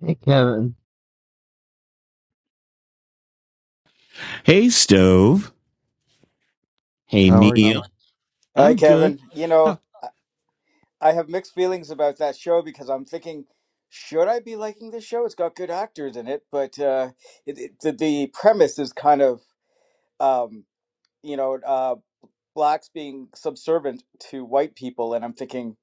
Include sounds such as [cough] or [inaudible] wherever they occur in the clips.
Hey Kevin, Hey, Stove. Hey, how are Neil. you? Hi, I'm good. Kevin. You Uh, know, I have mixed feelings about that show because I'm thinking, should I be liking this show? It's got good actors in it, but uh, it, it, the, the premise is kind of, um, you know, uh, blacks being subservient to white people, and I'm thinking,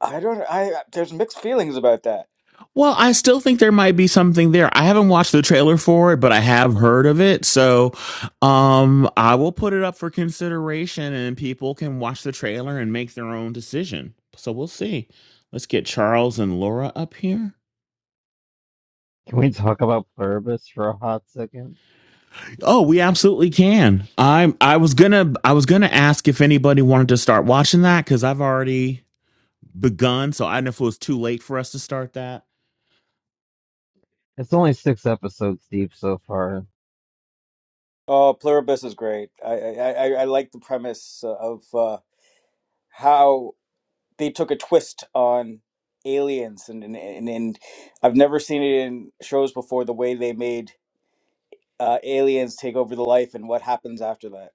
I don't, I there's mixed feelings about that. Well, I still think there might be something there. I haven't watched the trailer for it, but I have heard of it. So, um, I will put it up for consideration and people can watch the trailer and make their own decision. So we'll see. Let's get Charles and Laura up here. Can we talk about Pluribus for a hot second? Oh, we absolutely can. I'm I was gonna I was gonna ask if anybody wanted to start watching that because I've already begun, so I don't know if it was too late for us to start that. It's only six episodes deep so far. Oh, Pluribus is great. I I, I I like the premise of uh, how. they took a twist on aliens and and, and and I've never seen it in shows before the way they made uh, aliens take over the life and what happens after that.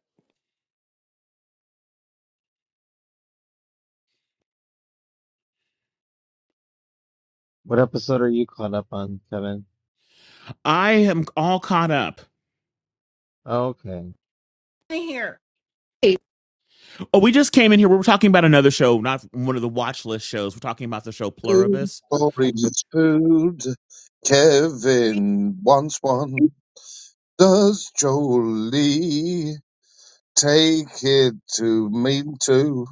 What episode are you caught up on, Kevin? I am all caught up. Oh, okay. in here. Oh, we just came in here. We were talking about another show, not one of the watch list shows. We're talking about the show Food Pluribus. for his food. Kevin wants one. Does Jolie take it to me too?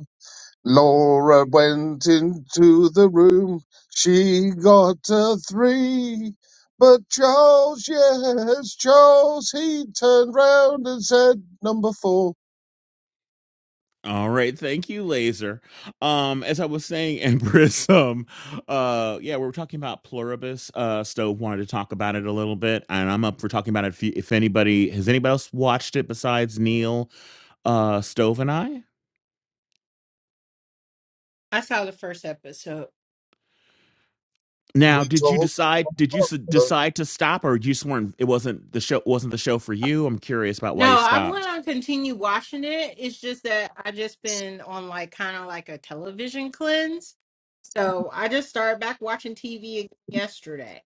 Laura went into the room. She got a three. But Charles, yes, Charles, he turned round and said, number four. All right, thank you, Laser. Um, as I was saying, [laughs] Empress, um, uh, yeah, we were talking about Pluribus. Uh, Stove wanted to talk about it a little bit, and I'm up for talking about it. If, you, if anybody has anybody else watched it besides Neil, uh, Stove and I. I saw the first episode. And Now, we did you talked decide? Did you s- about her. decide to stop, or you just weren't? It wasn't the show. Wasn't the show for you? I'm curious about why you No, I stopped. want to continue watching it. It's just that I just been on like kind of like a television cleanse. So I just started back watching TV again yesterday.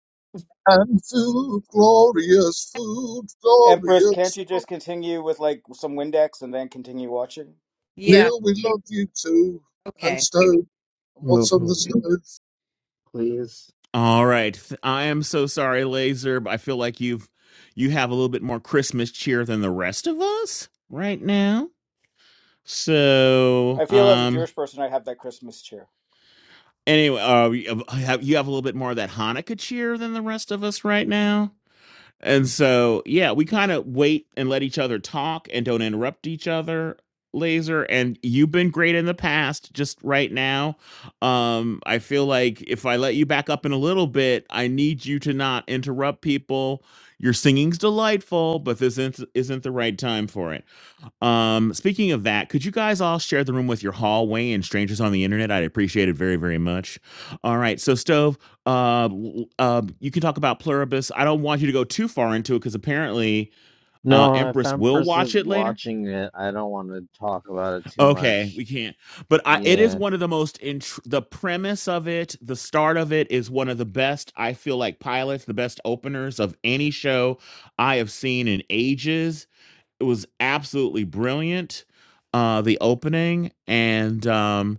and food, glorious food, Empress, can't glorious you food. just continue with like some Windex and then continue watching? Yeah. Neil, we love you too. And Okay. Stone. And what's Move, on the stove? please. All right. I am so sorry, Laser, but I feel like you've you have a little bit more Christmas cheer than the rest of us right now. So, I feel as a um Jewish person I have that Christmas cheer. anyway, uh you have you have a little bit more of that Hanukkah cheer than the rest of us right now. And so, yeah, we kind of wait and let each other talk and don't interrupt each other. Laser, and you've been great in the past. Just right now, um, I feel like if I let you back up in a little bit, I need you to not interrupt people. Your singing's delightful, but this isn't isn't the right time for it. Um, speaking of that, could you guys all share the room with your hallway and strangers on the internet? I'd appreciate it very, very much. All right, so stove, uh, l- uh, you can talk about Pluribus. I don't want you to go too far into it because apparently, uh, No, if Empress will Empress watch is it later. watching it, I don't want to talk about it too Okay, much. we can't. But I, it is Yeah. one of the most int- the premise of it, the start of it is one of the best. I feel like pilots, the best openers of any show I have seen in ages it was absolutely brilliant. Uh, the opening and um,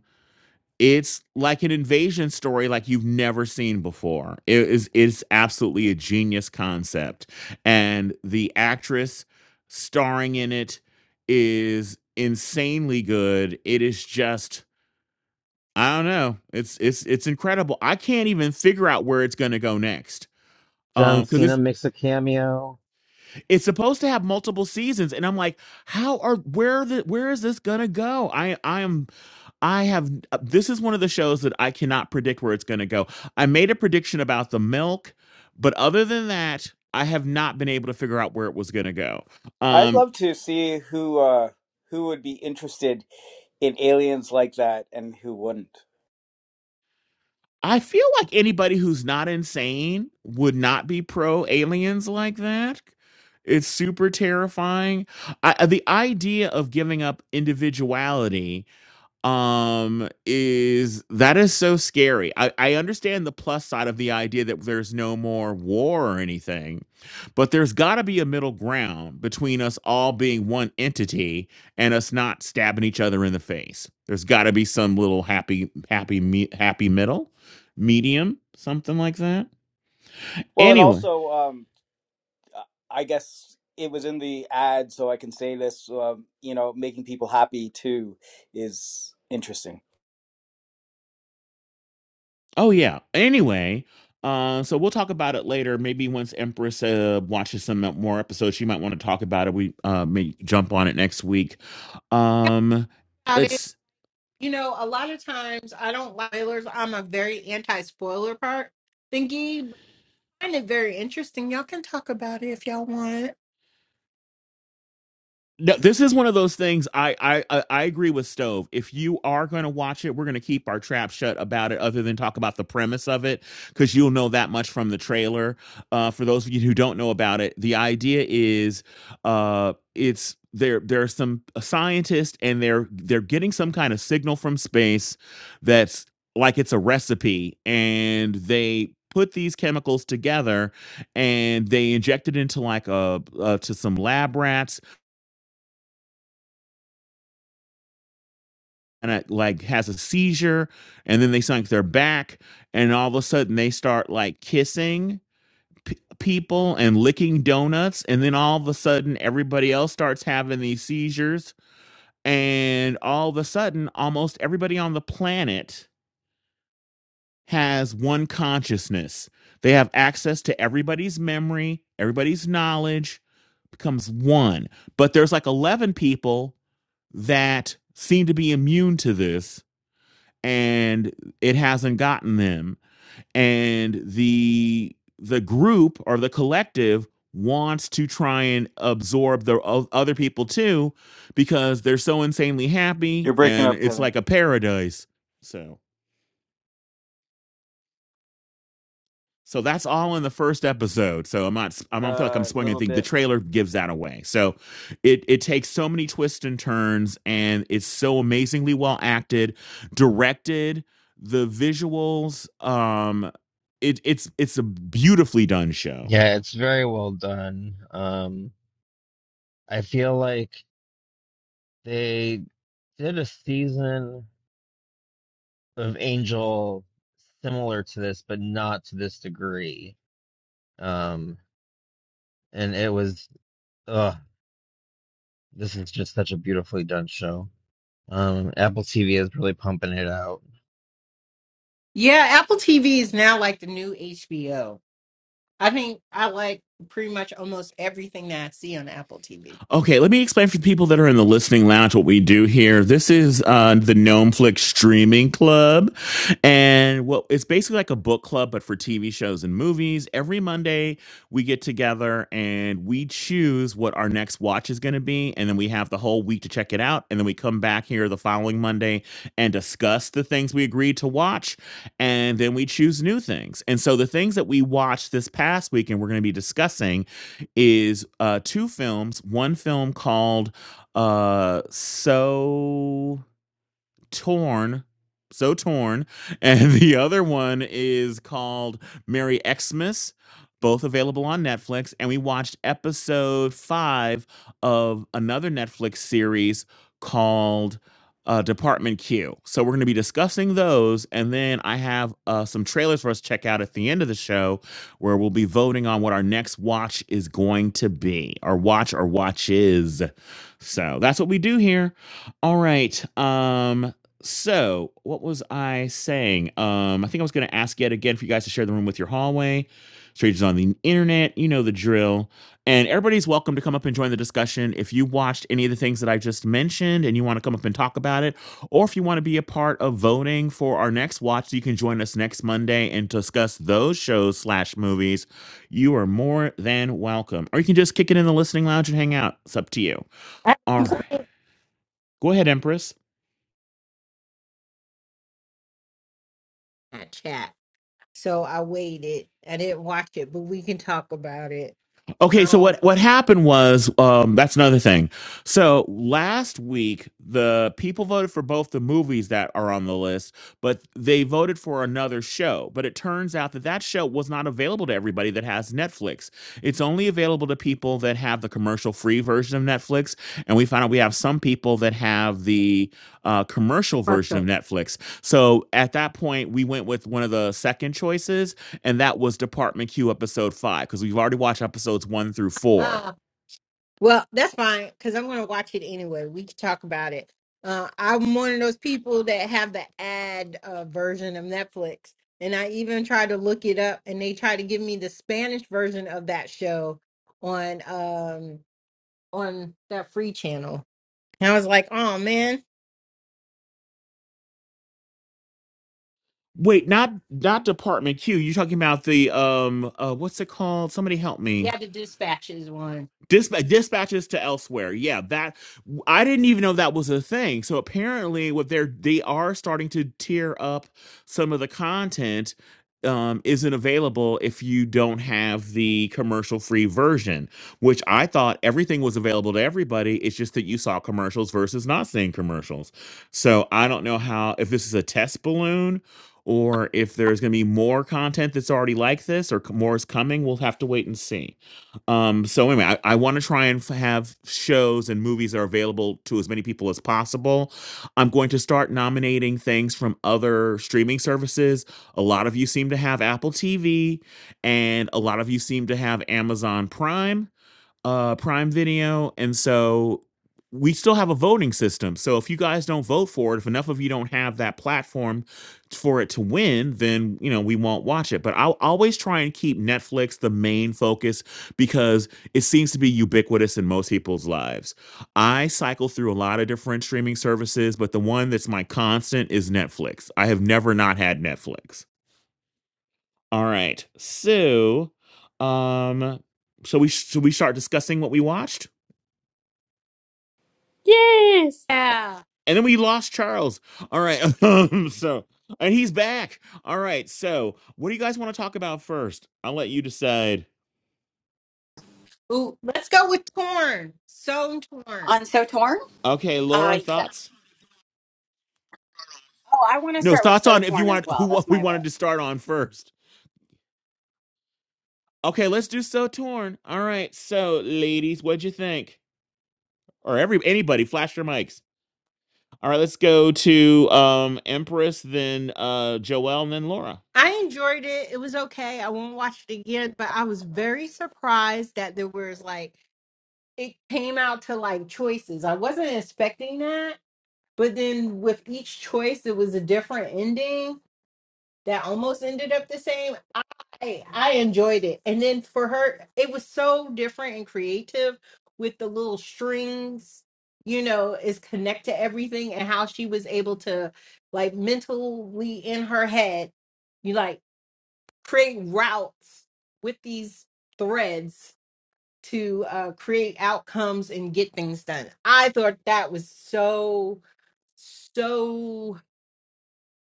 it's like an invasion story like you've never seen before. It is it's absolutely a genius concept, and the actress starring in it is insanely good. It is just I don't know. It's it's it's incredible. I can't even figure out where it's going to go next Um, John because Cena makes a cameo. it's supposed to have multiple seasons and i'm like how are where the where is this gonna go i i am i have uh, this is one of the shows that i cannot predict where it's gonna go i made a prediction about the milk but other than that i have not been able to figure out where it was gonna go I'd um love to see who uh who would be interested in aliens like that and who wouldn't. i feel like anybody who's not insane would not be pro aliens like that it's super terrifying I, uh, the idea of giving up individuality um is that is so scary i i understand the plus side of the idea that there's no more war or anything but there's got to be a middle ground between us all being one entity and us not stabbing each other in the face there's got to be some little happy happy me, happy middle medium something like that Well, and anyway also um I guess it was in the ad, so I can say this. Um, you know, making people happy too is interesting. Oh yeah. Anyway, uh, so we'll talk about it later. Maybe once Empress uh, watches some more episodes, she might want to talk about it. We uh, may jump on it next week. Um, About it. let's. You know, a lot of times I don't like spoilers. I'm a very anti spoiler part thingy. But I find it very interesting. Y'all can talk about it if y'all want. No, this is one of those things. I I I I agree with Stove. If you are going to watch it, we're going to keep our trap shut about it, other than talk about the premise of it, because you'll know that much from the trailer. Uh, for those of you who don't know about it, the idea is, uh, it's there. There are some uh, scientists, and they're they're getting some kind of signal from space that's like it's a recipe, and they put these chemicals together and they inject it into like a uh, to some lab rats and it like has a seizure and then they sunk their back and all of a sudden they start like kissing p- people and licking donuts and then all of a sudden everybody else starts having these seizures and all of a sudden almost everybody on the planet has one consciousness they have access to everybody's memory everybody's knowledge becomes one but there's like 11 people that seem to be immune to this and it hasn't gotten them and the the group or the collective wants to try and absorb the o- other people too because they're so insanely happy You're breaking and up, it's Kevin. like a paradise so So that's all in the first episode. So I'm not. I don't feel like I'm A spoiling little anything. The bit. trailer gives that away. So it it takes so many twists and turns, and it's so amazingly well acted, directed. The visuals. Um, it it's it's a beautifully done show. Yeah, it's very well done. Um, I feel like they did a season. of Angel similar to this, but not to this degree. Um, and it was, ugh, this is just such a beautifully done show. Um, Apple TV is really pumping it out. Yeah, Apple TV is now like the new HBO. I think I like pretty much almost everything that I see on Apple TV. Okay, let me explain for the people that are in the listening lounge what we do here. This is uh, the Gnomeflix Streaming Club, and well, it's basically like a book club, but for TV shows and movies. Every Monday, we get together and we choose what our next watch is going to be, and then we have the whole week to check it out, and then we come back here the following Monday and discuss the things we agreed to watch, and then we choose new things. And so the things that we watched this past week and we're going to be discussing is uh, two films. One film called uh, So Torn. So Torn. [laughs] And the other one is called Merry Xmas, both available on Netflix. And we watched episode five of another Netflix series called uh, Department Q. So we're going to be discussing those. And then I have uh, some trailers for us to check out at the end of the show where we'll be voting on what our next watch is going to be, or watch or watches. So that's what we do here. All right. Um, so, what was I saying? Um, I think I was going to ask yet again for you guys to share the room with your hallway, strangers on the internet. You know the drill. And everybody's welcome to come up and join the discussion. If you watched any of the things that I just mentioned and you want to come up and talk about it, or if you want to be a part of voting for our next watch, you can join us next Monday and discuss those shows slash movies. You are more than welcome. Or you can just kick it in the listening lounge and hang out. It's up to you. I All right. complained Go ahead, Empress. that chat. So I waited. I didn't watch it, but we can talk about it. Okay, so Oh, what what happened was um, that's another thing. So last week, the people voted for both the movies that are on the list, but they voted for another show. But it turns out that that show was not available to everybody that has Netflix. It's only available to people that have the commercial free version of Netflix, and we found out we have some people that have the uh, commercial For version of sure. Netflix. So at that point, we went with one of the second choices, and that was Department Q episode five because we've already watched episodes one through four. uh, well, that's fine because I'm going to watch it anyway. We can talk about it. Uh, I'm one of those people that have the ad uh, version of Netflix, and I even tried to look it up, and they tried to give me the Spanish version of that show on um on that free channel. And I was like, oh man. Wait, not not Department Q. You're talking about the um uh what's it called? Somebody help me. Yeah, the dispatches one. Disp- dispatches to elsewhere. Yeah, that I didn't even know that was a thing. So apparently, what they're they are starting to tier up some of the content um, isn't available if you don't have the commercial free version. Which I thought everything was available to everybody. It's just that you saw commercials versus not seeing commercials. So I don't know how if this is a test balloon. Or if there's going to be more content that's already like this, or c- more is coming, we'll have to wait and see. Um, so anyway, I, I want to try and f- have shows and movies that are available to as many people as possible. I'm going to start nominating things from other streaming services. A lot of you seem to have Apple TV, and a lot of you seem to have Amazon Prime uh, Prime Video, and so we still have a voting system. So if you guys don't vote for it, if enough of you don't have that platform for it to win, then you know we won't watch it. But I'll always try and keep Netflix the main focus because it seems to be ubiquitous in most people's lives. I cycle through a lot of different streaming services, but the one that's my constant is Netflix. I have never not had Netflix. All right, so um, so we should we start discussing what we watched? Yes. Yeah. and then we lost Charles. All right. [laughs] Um, so, and he's back. All right. So, what do you guys want to talk about first? I'll let you decide. Ooh, Let's go with Torn. So Torn. On So Torn? Okay, Uh, Laura, yeah. thoughts? Oh, I want to No, start with thoughts So on if you Torn as want who well. That's what we my wanted vote. to start on first. Okay, let's do so torn. All right. So, ladies, what'd you think? Or every anybody flash your mics. All right, let's go to um Empress, then uh Joelle, and then Laura. I enjoyed it. It was okay. I won't watch it again, but I was very surprised that there was like it came out to like choices. I wasn't expecting that, but then with each choice it was a different ending. that almost ended up the same. I I enjoyed it. And then for her, it was so different and creative with the little strings, you know, is connect to everything and how she was able to like mentally in her head, you like create routes with these threads to uh create outcomes and get things done. I thought that was so so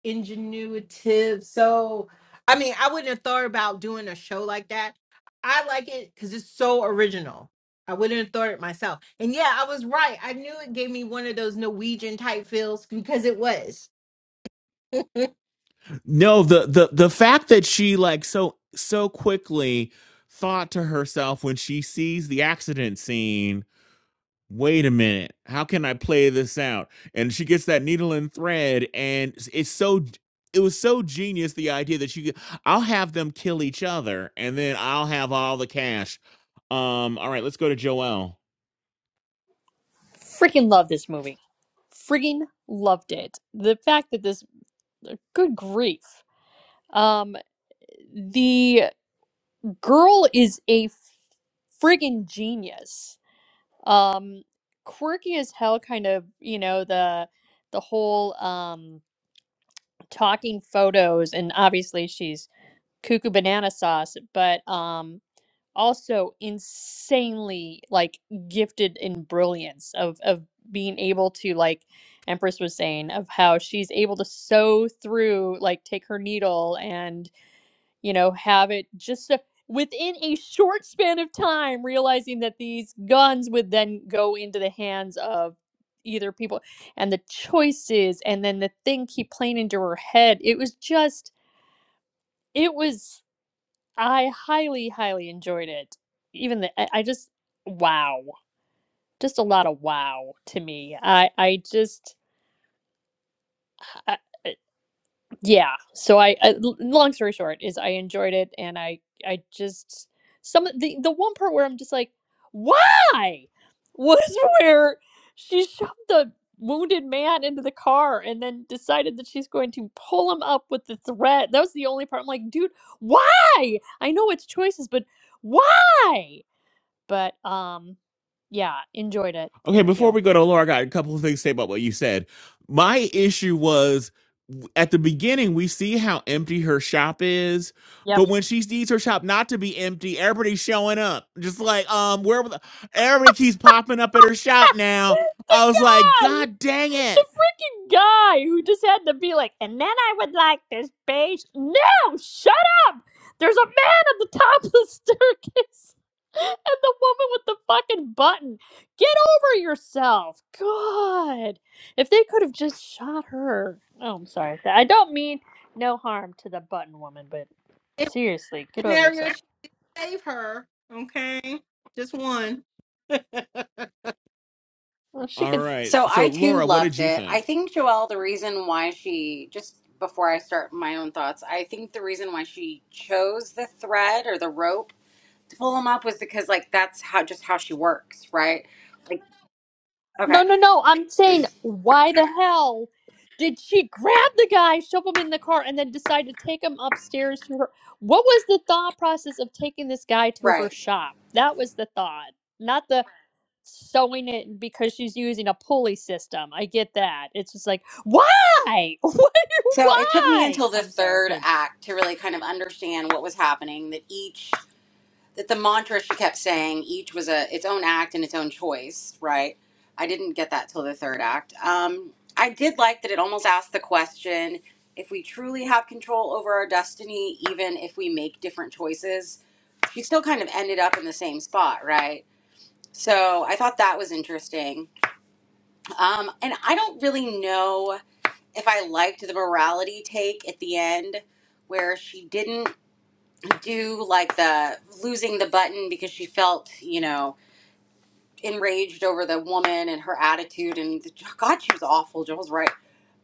ingenuitive. So, I mean, I wouldn't have thought about doing a show like that. I like it because it's so original. I wouldn't have thought it myself. And yeah, I was right. I knew it gave me one of those Norwegian type feels because it was. [laughs] No, the the the fact that she like so so quickly thought to herself when she sees the accident scene, wait a minute, how can I play this out? And she gets that needle and thread and it's it's so it was so genius the idea that you could- I'll have them kill each other and then I'll have all the cash. Um all right, let's go to Joelle. Freaking love this movie. Freaking loved it. The fact that this good grief. Um the girl is a friggin' genius. Um quirky as hell kind of, you know, the the whole um talking photos and obviously she's cuckoo banana sauce, but um also insanely like gifted in brilliance of of being able to like Empress was saying of how she's able to sew through like take her needle and you know have it just so, within a short span of time realizing that these guns would then go into the hands of either people and the choices and then the thing keep playing into her head it was just it was I highly, highly enjoyed it. Even the, I I just, wow, just a lot of wow to me. I, I just, I, I- yeah. So I, I, l- long story short, is I enjoyed it, and I, I just some of the the one part where I'm just like, why, was [laughs] where she shoved the wounded man into the car and then decided that she's going to pull him up with the thread. That was the only part. I'm like, dude, why? I know it's choices, but why? But um, yeah, enjoyed it. Okay, Thank before you. we go to Laura, I got a couple of things to say about what you said. My issue was at the beginning, we see how empty her shop is, Yep. but when she needs her shop not to be empty, everybody's showing up. Just like, um, where were the- everybody keeps popping up at her shop [laughs] now. The I was like, guy, God dang the it. freaking guy who just had to be like, and then I would like this beige. No, shut up! There's a man at the top of the staircase, [laughs] and the woman with the fucking button. Get over yourself. God, if they could have just shot her. Oh, I'm sorry. I don't mean no harm to the button woman, but If seriously, get over scenario, yourself. she saved her. Okay, just one. [laughs] Well, she All could. right. So So, I too Laura, what did loved you it. I think? think Joelle, the reason why she, just before I start my own thoughts, I think the reason why she chose the thread or the rope to pull him up was because, like, that's how just how she works, right? Like, okay, No, no, no. I'm saying, why the hell did she grab the guy, shove him in the car, and then decide to take him upstairs to her? What was the thought process of taking this guy to her right. shop? That was the thought, not the sewing it because she's using a pulley system. I get that. It's just like, why? [laughs] What- So it took me why? until the I'm sorry. third Okay. act to really kind of understand what was happening, that each that the mantra she kept saying each was a its own act and its own choice right i didn't get that till the third act um i did like that it almost asked the question if we truly have control over our destiny even if we make different choices you still kind of ended up in the same spot right so i thought that was interesting um and i don't really know if i liked the morality take at the end where she didn't do like the losing the button because she felt you know enraged over the woman and her attitude and the, God, she was awful. Joel's right.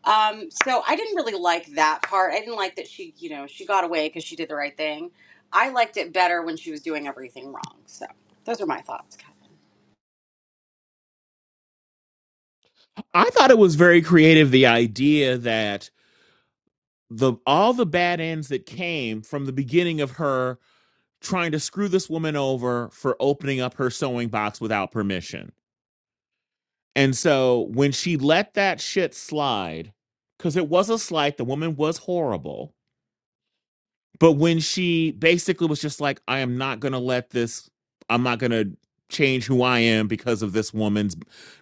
Um, so I didn't really like that part. I didn't like that she, you know, she got away because she did the right thing. I liked it better when she was doing everything wrong. So those are my thoughts, Kevin. I thought it was very creative the idea that the all the bad ends that came from the beginning of her trying to screw this woman over for opening up her sewing box without permission. And so when she let that shit slide, because it was a slight, the woman was horrible but when she basically was just like, I am not going to let this, I'm not going to change who I am because of this woman's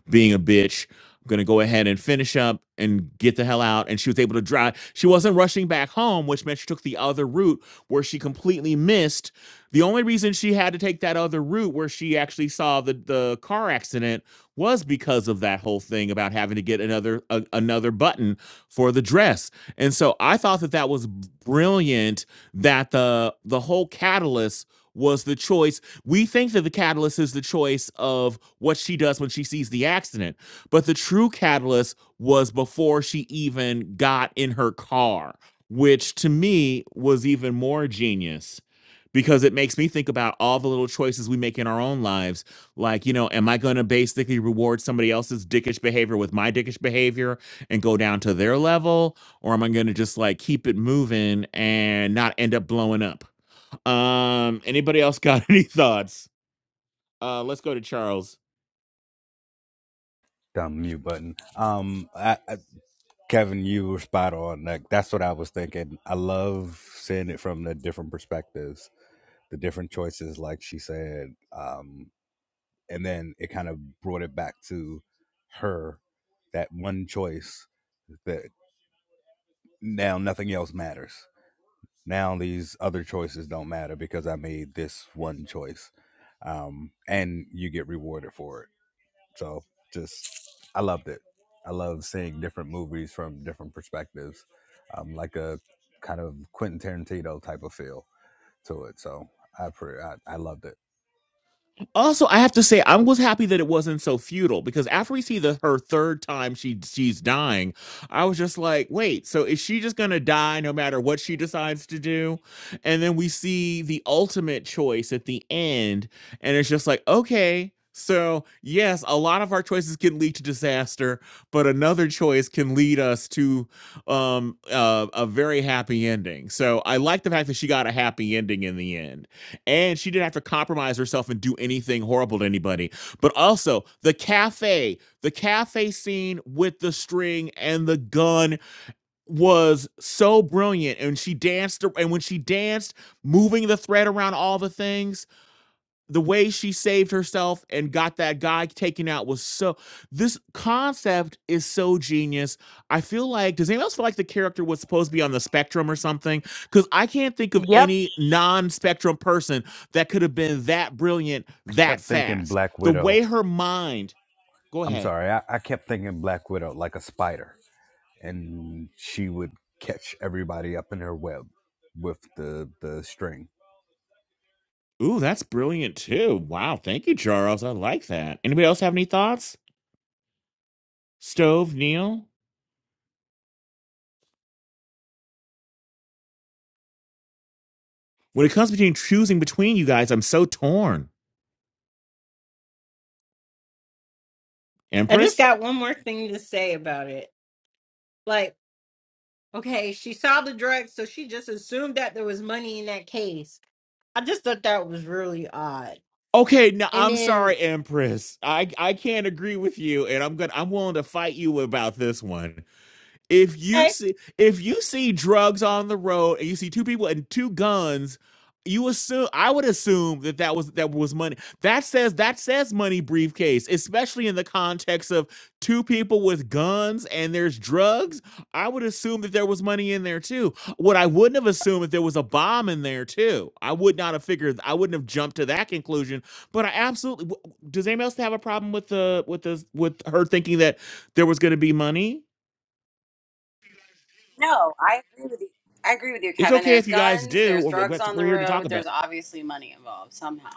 being a bitch. I'm going to go ahead and finish up and get the hell out. And she was able to drive. She wasn't rushing back home, which meant she took the other route where she completely missed. The only reason she had to take that other route where she actually saw the, the car accident was because of that whole thing about having to get another a, another button for the dress. And so I thought that that was brilliant that the the whole catalyst was the choice. We think that the catalyst is the choice of what she does when she sees the accident, but the true catalyst was before she even got in her car, which to me was even more genius because it makes me think about all the little choices we make in our own lives. Like, you know, am I going to basically reward somebody else's dickish behavior with my dickish behavior and go down to their level? or am I going to just like keep it moving and not end up blowing up? Um, anybody else got [laughs] any thoughts? Uh, let's go to Charles. dumb mute button. Um, I, I, Kevin, you were spot on. Like that's what I was thinking. I love seeing it from the different perspectives, the different choices, like she said. Um, and then it kind of brought it back to her, that one choice that now nothing else matters. Now these other choices don't matter because I made this one choice, um, and you get rewarded for it So just I loved it. I love seeing different movies from different perspectives, um, like a kind of Quentin Tarantino type of feel to it. So I pre- I, I loved it. Also, I have to say, I was happy that it wasn't so futile because after we see the her third time she she's dying, I was just like, wait, so is she just gonna die no matter what she decides to do? And then we see the ultimate choice at the end, and it's just like, okay, so yes, a lot of our choices can lead to disaster, but another choice can lead us to um uh, a very happy ending. So I like the fact that she got a happy ending in the end and she didn't have to compromise herself and do anything horrible to anybody. But also the cafe, the cafe scene with the string and the gun was so brilliant. And she danced, and when she danced, moving the thread around all the things, the way she saved herself and got that guy taken out was so this concept is so genius i feel like does anyone else feel like the character was supposed to be on the spectrum or something because i can't think of Yep. any non-spectrum person that could have been that brilliant I that kept thinking fast Black the Widow. way her mind go I'm ahead sorry. I, I kept thinking Black Widow like a spider. and she would catch everybody up in her web with the the string ooh that's brilliant too wow thank you charles i like that anybody else have any thoughts stove neil when it comes between choosing between you guys i'm so torn I just empress got one more thing to say about it. Like, okay, she saw the drugs, so she just assumed that there was money in that case. I just thought that was really odd. Okay, now And I'm then sorry, Empress. I I can't agree with you, and I'm gonna I'm willing to fight you about this one. If you Okay. see if you see drugs on the road and you see two people and two guns, you assume I would assume that that was that was money. That says that says money briefcase, especially in the context of two people with guns and there's drugs. I would assume that there was money in there too. What I wouldn't have assumed if there was a bomb in there too. I would not have figured. I wouldn't have jumped to that conclusion. But I absolutely. w- Does anyone else have a problem with the with the with her thinking that there was going to be money? No, I agree with you. I agree with you, It's Kevin. okay There's if you guys guns, do, there's or drugs what on we're the here to talk road, there's about. obviously money involved somehow.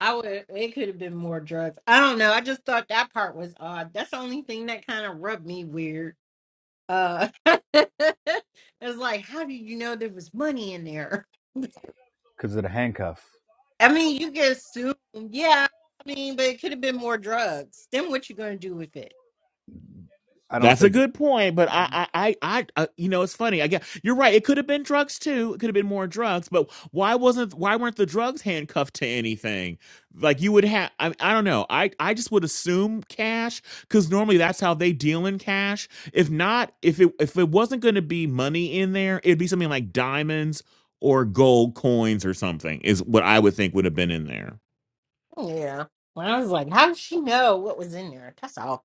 I would it could have been more drugs. I don't know. I just thought that part was odd. That's the only thing that kind of rubbed me weird. Uh [laughs] it was like, how did you know there was money in there? because of the handcuff. I mean, you can assume, yeah. I mean, but it could have been more drugs. Then what you gonna do with it? I don't That's a think good point, but I, I, I, I uh, you know, it's funny. I guess you're right. It could have been drugs too. It could have been more drugs, but why wasn't? Why weren't the drugs handcuffed to anything? Like you would have. I, I don't know. I, I just would assume cash because normally that's how they deal in cash. If not, if it, if it wasn't going to be money in there, it'd be something like diamonds or gold coins or something. Is what I would think would have been in there. Yeah. Well, I was like, how did she know what was in there? That's all.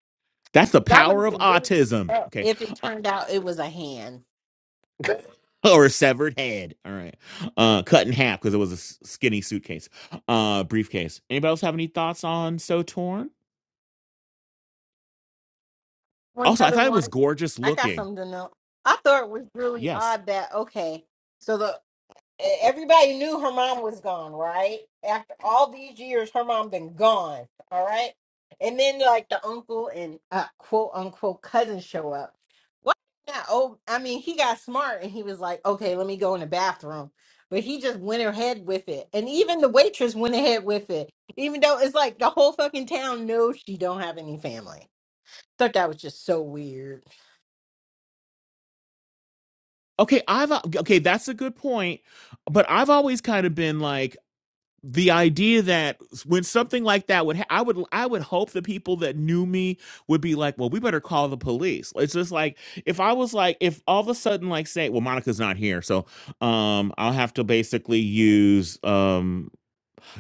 That's the That would have power of been really autism. upset Okay. if it turned out it was a hand. [laughs] or severed head. All right. Uh, cut in half because it was a s- skinny suitcase, uh, briefcase. Anybody else have any thoughts on So Torn? One Also, I other thought it was one. gorgeous I got looking. something to know. I thought it was really Yes. odd that okay, so the e, everybody knew her mom was gone, right? After all these years, her mom been gone, all right. And then like the uncle and uh, quote unquote cousin show up. What? Now, oh, I mean, he got smart and he was like, okay, let me go in the bathroom. But he just went ahead with it, and even the waitress went ahead with it, even though it's like the whole fucking town knows she don't have any family thought that was just so weird. Okay. I've, okay, that's a good point. But I've always kind of been like, the idea that when something like that would ha- I would I would hope the people that knew me would be like, well, we better call the police. It's just like if I was like if all of a sudden like say, well, Monica's not here, so um i'll have to basically use um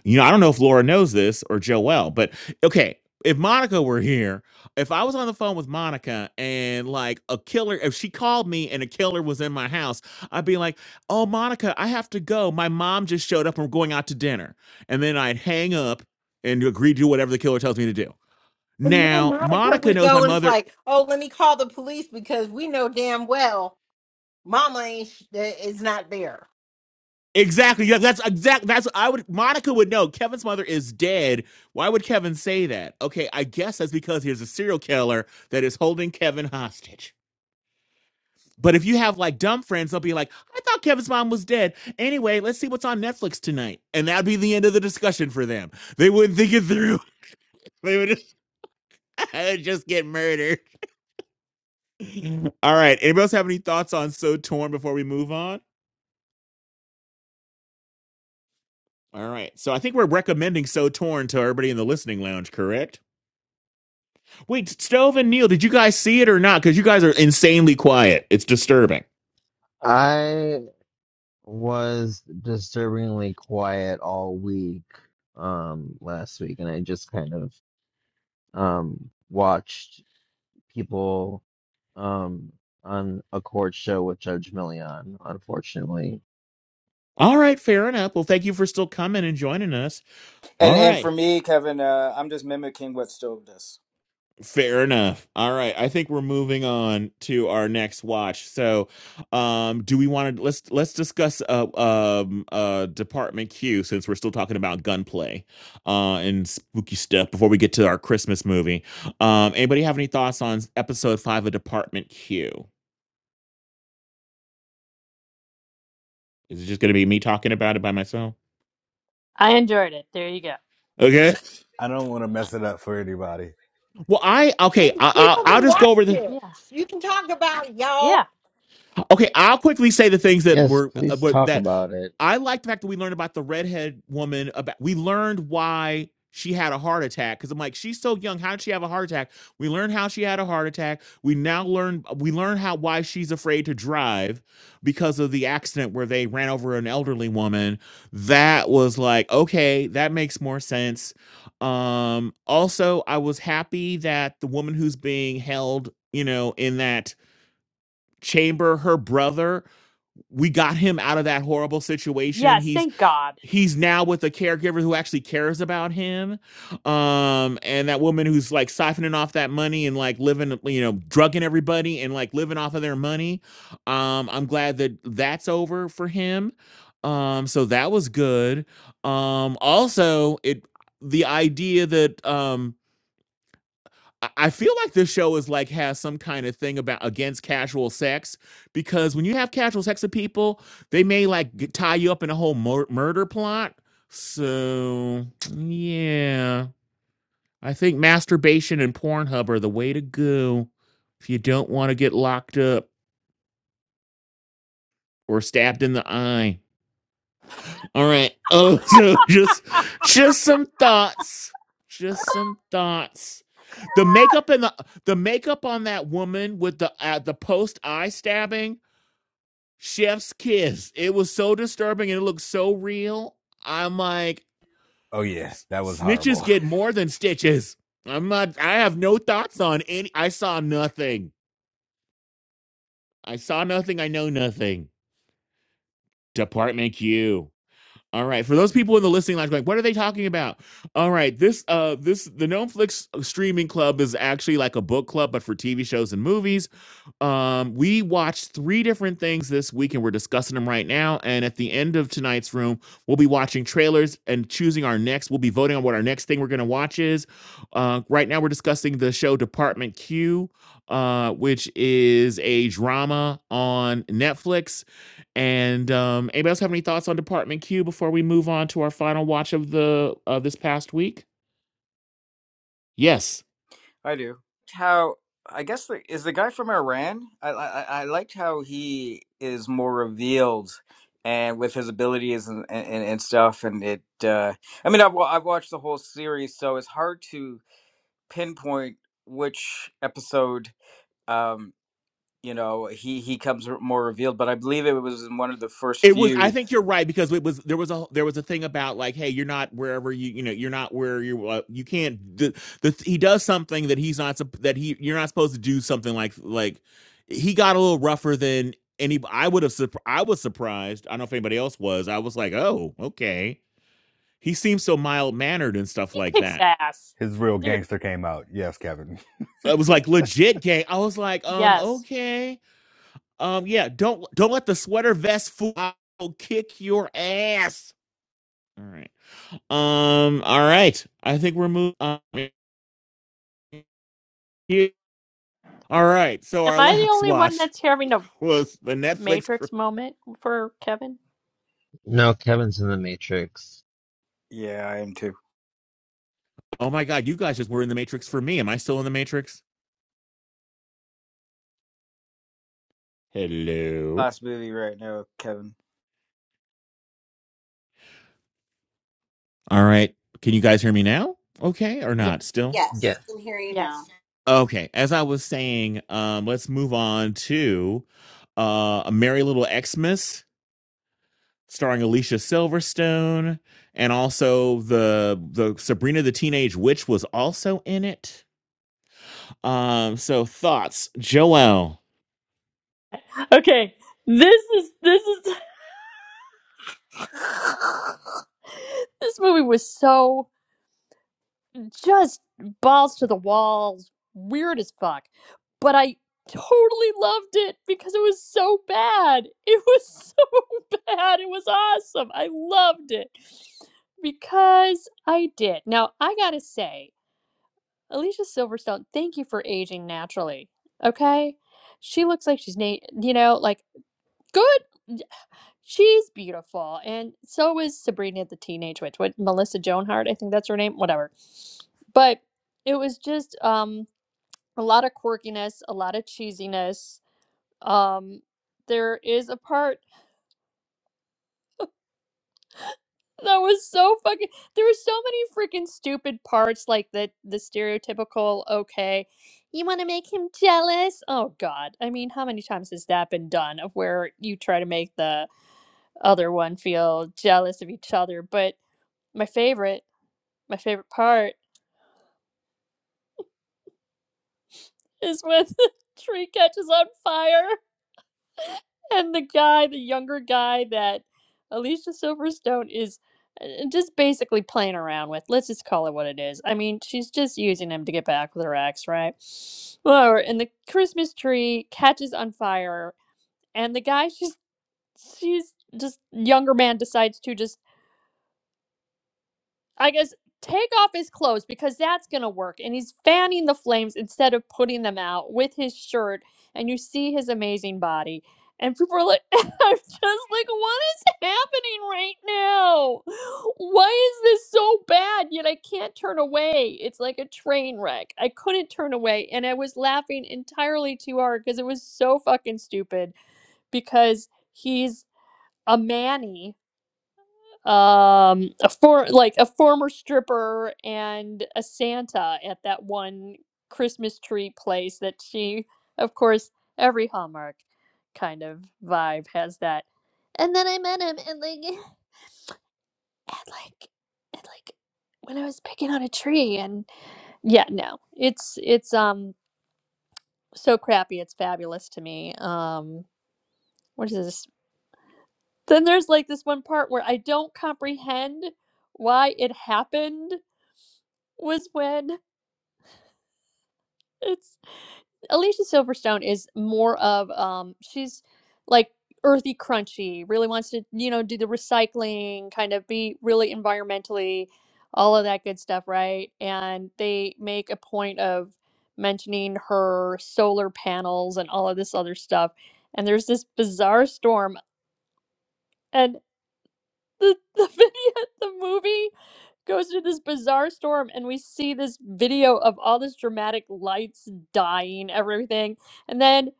You know, I don't know if Laura knows this or Joelle, but okay, if Monica were here, if I was on the phone with Monica and like a killer, if she called me and a killer was in my house, I'd be like, oh, Monica, I have to go. My mom just showed up and we're going out to dinner. And then I'd hang up and agree to do whatever the killer tells me to do. And then Now, Monica Monica would knows my go and it's mother like, oh, let me call the police because we know damn well Mama ain't sh- is not there. Exactly. Yeah, that's exact. That's I would. Monica would know. Kevin's mother is dead. Why would Kevin say that? Okay, I guess that's because here's a serial killer that is holding Kevin hostage. But if you have like dumb friends, they'll be like, "I thought Kevin's mom was dead." Anyway, let's see what's on Netflix tonight, and that'd be the end of the discussion for them. They wouldn't think it through. [laughs] They would just, [laughs] I'd just get murdered. All right. Anybody else have any thoughts on So Torn before we move on? All right. So I think we're recommending So Torn to everybody in the listening lounge, correct? Wait, Stove and Neil, did you guys see it or not? Because you guys are insanely quiet. It's disturbing. I was disturbingly quiet all week, um, last week, and I just kind of, um, watched people, um, on a court show with Judge Million, unfortunately. All right, fair enough. Well, thank you for still coming and joining us. And All and for right, me, Kevin, uh, I'm just mimicking what Stove does. fair enough. All right, I think we're moving on to our next watch. So, um, do we want to let's let's discuss uh, um, uh, Department Q since we're still talking about gunplay uh, and spooky stuff before we get to our Christmas movie. Um, anybody have any thoughts on episode five of Department Q? Is it just going to be me talking about it by myself? I enjoyed it. There you go. Okay. I don't want to mess it up for anybody. Well, I I okay. mean, I, I people I'll can just watch go over the this. Yeah. You can talk about it, Yeah. y'all. Okay, I'll quickly say the things that Yes, were uh, please but talk that about it. I like the fact that we learned about the redhead woman. About we learned why she had a heart attack because I'm like she's so young. How did she have a heart attack? We learned how she had a heart attack. We now learn we learn how why she's afraid to drive because of the accident where they ran over an elderly woman. That was like okay, that makes more sense. Um, also, I was happy that the woman who's being held, you know, in that chamber, her brother we got him out of that horrible situation Yes. he's Thank God. he's now with a caregiver who actually cares about him um and that woman who's like siphoning off that money and like living you know drugging everybody and like living off of their money um i'm glad that that's over for him um so that was good um also it the idea that um I I feel like this show is like has some kind of thing about against casual sex because when you have casual sex with people, they may like g- tie you up in a whole mur- murder plot. So [tsk] yeah, I think masturbation and Pornhub are the way to go if you don't want to get locked up or stabbed in the eye. All right. [laughs] Oh, so just [laughs] just some thoughts. Just some thoughts. The makeup and the the makeup on that woman with the uh, the post eye stabbing, chef's kiss. It was so disturbing and it looked so real. I'm like, Oh yeah, s- that was snitches horrible. get more than stitches. I'm not. I have no thoughts on any. I saw nothing. I saw nothing. I know nothing. Department Q. All right. For those people in the listening lounge, like, what are they talking about? All right. This, uh, this, the Gnome streaming club is actually like a book club, but for TV shows and movies. Um, we watched three different things this week and we're discussing them right now. And at the end of tonight's room, we'll be watching trailers and choosing our next. We'll be voting on what our next thing we're going to watch is. Uh, right now, we're discussing the show Department Q, uh, which is a drama on Netflix. And um, anybody else have any thoughts on Department Q before we move on to our final watch of the of this past week? Yes. I do. How I guess the, is the guy from Iran? I, I I liked how he is more revealed, and with his abilities and and, and stuff. And it, uh, I mean, I've, wa- I've watched the whole series, so it's hard to pinpoint which episode um you know he he comes r- more revealed but i believe it was in one of the first It was. I few think you're right because it was. There was a. There was a thing about like, hey, you're not wherever you. You know, you're not where you. Uh, you can't. The, the he does something that he's not. That he. You're not supposed to do something like like. He got a little rougher than any. I would have. I was surprised. I don't know if anybody else was. I was like, oh, okay. He seems so mild mannered and stuff he like kicks that. ass. [laughs] His real Seriously. gangster came out. Yes, Kevin. It was like legit gay. I was like, um, Yes. okay, um, yeah. Don't don't let the sweater vest fool. I'll kick your ass. All right. Um. All right. I think we're moving. On. All right. So Am our I the last only one watch that's having a was the Netflix. cr- Matrix moment for Kevin? No, Kevin's in the Matrix. yeah i am too Oh my God! You guys just were in the Matrix for me. Am I still in the Matrix? Hello. last movie right now kevin All right. Can you guys hear me now? Okay, or Yeah. not? Still Yes, Yes. I can hear you now. Yes. okay. As I was saying, um, let's move on to uh, a Merry Little Xmas, starring Alicia Silverstone, and also the the Sabrina the Teenage Witch was also in it Um, so thoughts, Joel. Okay. This is this is [laughs] This movie was so just balls to the walls, weird as fuck. But I totally loved it because it was so bad. It was [laughs] so bad. It was awesome. I loved it. Because I did. Now, I got to say Alicia Silverstone, thank you for aging naturally. Okay? She looks like she's na- you know, like good. She's beautiful. And so is Sabrina the Teenage Witch. What Melissa Joan Hart, I think that's her name, whatever. But it was just um a lot of quirkiness, a lot of cheesiness. Um there is a part That was so fucking. There were so many freaking stupid parts, like the the stereotypical. Okay, you want to make him jealous? Oh God! I mean, how many times has that been done? Of where you try to make the other one feel jealous of each other. But my favorite, my favorite part is when [laughs] the tree catches on fire. and the guy, the younger guy that Alicia Silverstone is uh, just basically playing around with. Let's just call it what it is. I mean, she's just using him to get back with her ex, right? Well, and the Christmas tree catches on fire, and the guy [laughs] she's she's just younger man decides to just I guess take off his clothes because that's gonna work. And he's fanning the flames instead of putting them out with his shirt, and you see his amazing body. And people are like, [laughs] I'm just like, what is happening right now? Why is this so bad? Yet I can't turn away. It's like a train wreck. I couldn't turn away. And I was laughing entirely too hard because it was so fucking stupid because he's a manny um a for like a former stripper and a santa at that one christmas tree place that she of course every hallmark kind of vibe has that and then i met him and like [laughs] and like and like when i was picking out a tree and yeah no it's it's um so crappy it's fabulous to me um what is this then there's like this one part where i don't comprehend why it happened was when it's Alicia Silverstone is more of um she's like earthy crunchy, really wants to, you know, do the recycling, kind of be really environmentally all of that good stuff, right? And they make a point of mentioning her solar panels and all of this other stuff. And there's this bizarre storm. and. the [laughs] the video the movie goes through this bizarre storm and we see this video of all this dramatic lights dying everything and then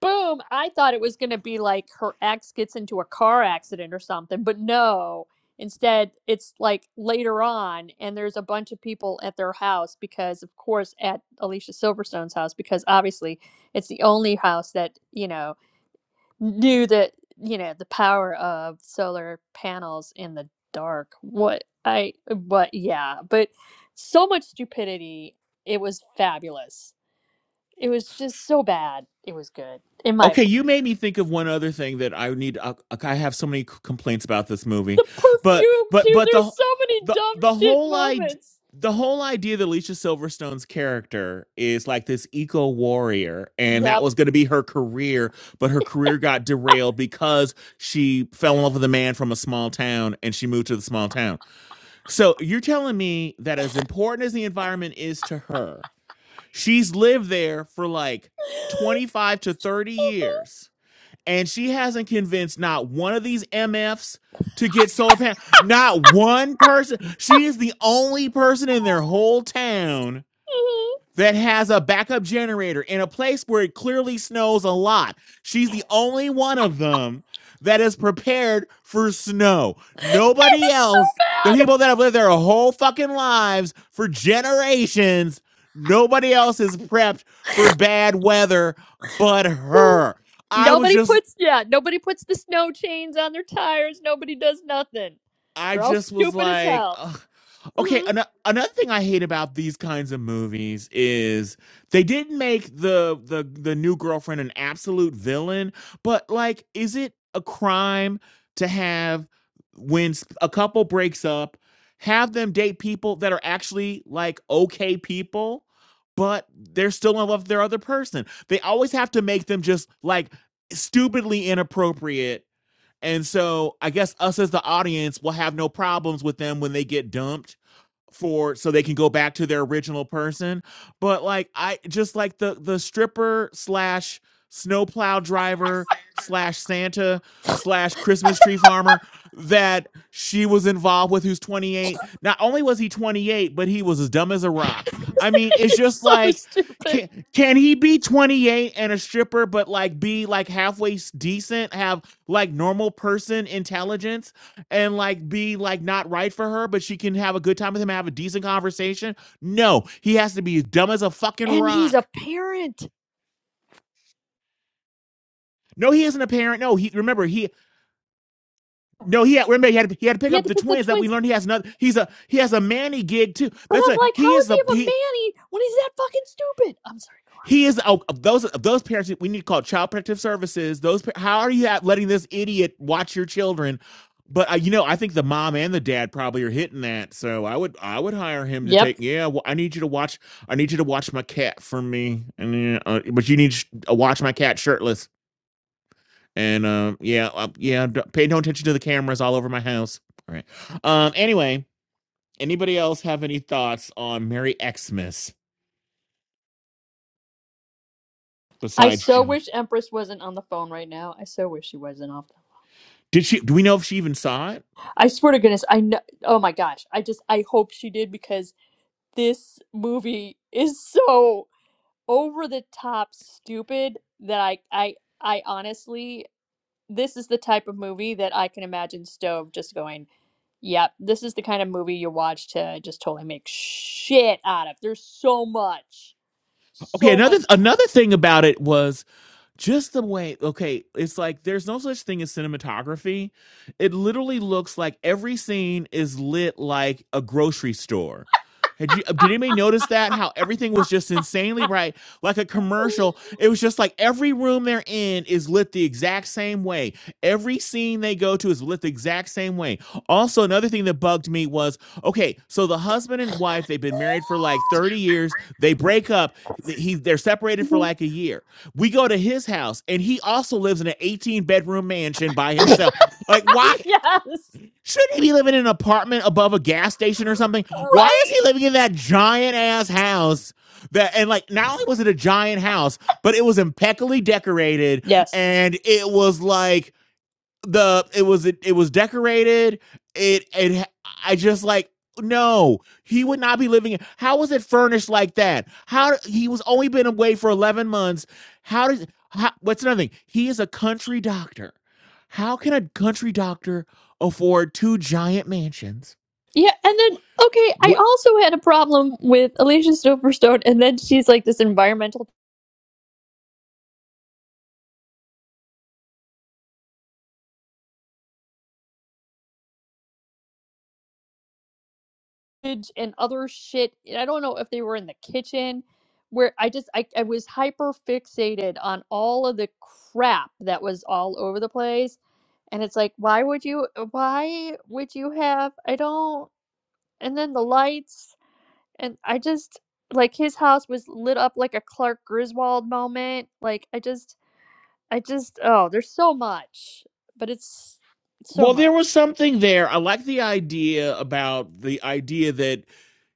boom i thought it was going to be like her ex gets into a car accident or something but no instead it's like later on and there's a bunch of people at their house because of course at alicia silverstone's house because obviously it's the only house that you know knew that you know the power of solar panels in the dark what i but yeah but so much stupidity it was fabulous it was just so bad it was good in my Okay, you opinion made me think of one other thing that I need. I, I have so many c- complaints about this movie, the but perfume but too but there's the so many the dumb the shit whole idea. moments The whole idea that Alicia Silverstone's character is like this eco warrior, and that yep was going to be her career, but her career got derailed because she fell in love with a man from a small town and she moved to the small town. So you're telling me that as important as the environment is to her, She's lived there for like [laughs] 25 to 30 years, and she hasn't convinced not one of these MFs to get solar panels. Not one person. She is the only person in their whole town that has a backup generator in a place where it clearly snows a lot. She's the only one of them that is prepared for snow. Nobody it's so else, the bad people that have lived their whole fucking lives for generations, nobody else is prepped for bad weather but her. I was nobody just puts yeah nobody puts the snow chains on their tires nobody does nothing I they're all just was stupid as like, hell ugh. okay. hmm An- another thing I hate about these kinds of movies is they didn't make the the the new girlfriend an absolute villain, but like, is it a crime to have when s- a couple breaks up, have them date people that are actually like okay people? But they're still in love with their other person. They always have to make them just like stupidly inappropriate and so I guess us as the audience will have no problems with them when they get dumped for so they can go back to their original person. But like I just like the the stripper slash snowplow driver slash Santa slash Christmas tree farmer that she was involved with who's 28. Not only was he 28, but he was as dumb as a rock. [laughs] I mean, it's It's just so like stupid. can can he be 28 and a stripper but like be like halfway s- decent, have like normal person intelligence? and like be like not right for her, but she can have a good time with him, have a decent conversation. No, he has to be as dumb as a fucking And he's a rock. parent. No, he isn't a parent. No, he remember he no he had, remember he had to, he had to pick He had up to the pick the twins that we twins. learned he has another he's a he has a Manny gig too. But That's I'm a like, he how is is he the of a he manny when he's that fucking stupid? I'm sorry, go He is oh, of those of those parents we need to call child protective services. Those how are you letting this idiot watch your children? But uh, you know, I think the mom and the dad probably are hitting that. So I would I would hire him on. to take. Yep. Yeah, well, I need you to watch. I need you to watch my cat for me. And uh, uh, but you need to sh- uh, watch my cat shirtless. And um, yeah, uh, yeah. d- Pay no attention to the cameras all over my house. All right. Um. Anyway, anybody else have any thoughts on Merry Xmas I besides so Joe? wish Empress wasn't on the phone right now. I so wish she wasn't off. Did she? Do we know if she even saw it? I swear to goodness, I know. Oh my gosh. I just, I hope she did because this movie is so over the top stupid that I, I, I honestly, this is the type of movie that I can imagine Stove just going. Yep, this is the kind of movie you watch to uh, just totally make shit out of. There's so much, Okay, so another much. [laughs] another thing about it was just the way okay it's like there's no such thing as cinematography it literally looks like every scene is lit like a grocery store had you did anybody notice that how everything was just insanely bright like a commercial it was just like every room they're in is lit the exact same way every scene they go to is lit the exact same way also another thing that bugged me was okay so the husband and wife they've been married for like 30 years they break up he they're separated for like a year we go to his house, and he also lives in an 18 bedroom mansion by himself. Like, why yes, shouldn't he be living in an apartment above a gas station or something? Why is right? he living in that giant ass house? That and like, not only was it a giant house, but it was impeccably decorated, Yes. and it was like the it was it, it was decorated. It it I just like no, he would not be living. How was it furnished like that? How he was only been away for eleven months. How does how, what's another thing? He is a country doctor. How can a country doctor afford two giant mansions? Yeah, and then, okay, I Wh- also had a problem with Alicia Silverstone, and then she's like this environmental bitch and other shit. and I don't know if they were in the kitchen, where I just, I, I was hyper fixated on all of the crap that was all over the place And it's like, why would you uh, why would you have I don't and then the lights and I just like his house was lit up like a Clark Griswold moment. Like I just I just oh, there's so much. But it's so Well, there was much. something there. I like the idea about the idea that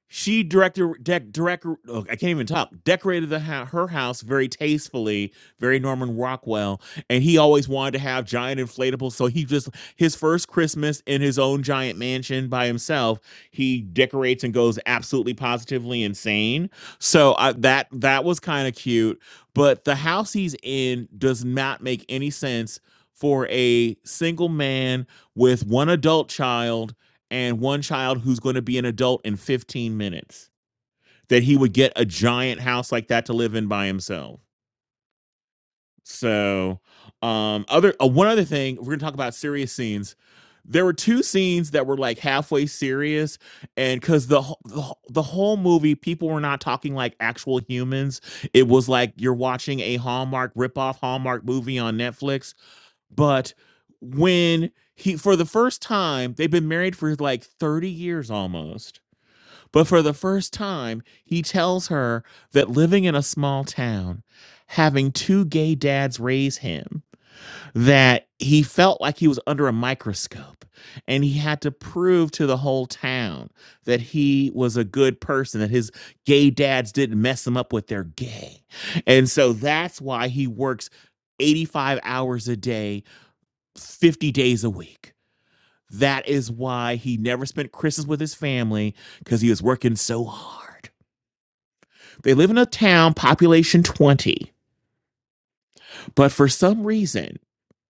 She directed, dec, direct, oh, I can't even talk, decorated the ho- her house very tastefully, very Norman Rockwell. And he always wanted to have giant inflatables. So he just, his first Christmas in his own giant mansion by himself, he decorates and goes absolutely positively insane. So I, that, that was kind of cute. But the house he's in does not make any sense for a single man with one adult child and one child who's going to be an adult in 15 minutes that he would get a giant house like that to live in by himself so um other uh, one other thing we're going to talk about serious scenes there were two scenes that were like halfway serious and cuz the, wh- the wh- the whole movie people were not talking like actual humans it was like you're watching a Hallmark ripoff Hallmark movie on Netflix but when he for the first time they've been married for like 30 years almost but for the first time, he tells her that living in a small town, having two gay dads raise him, that he felt like he was under a microscope and he had to prove to the whole town that he was a good person, that his gay dads didn't mess him up with their gay. And so that's why he works 85 hours a day, 50 days a week. That is why he never spent Christmas with his family because he was working so hard. They live in a town, population 20, but for some reason,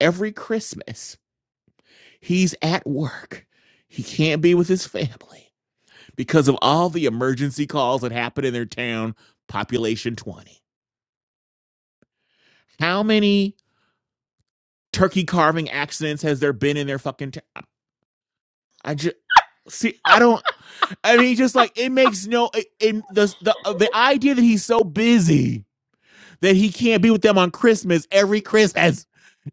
every Christmas, he's at work. He can't be with his family because of all the emergency calls that happen in their town, population 20. How many turkey carving accidents has there been in their fucking town? I just. See, I don't. I mean, just like it makes no. It, it, the the the idea that he's so busy that he can't be with them on Christmas every Christmas.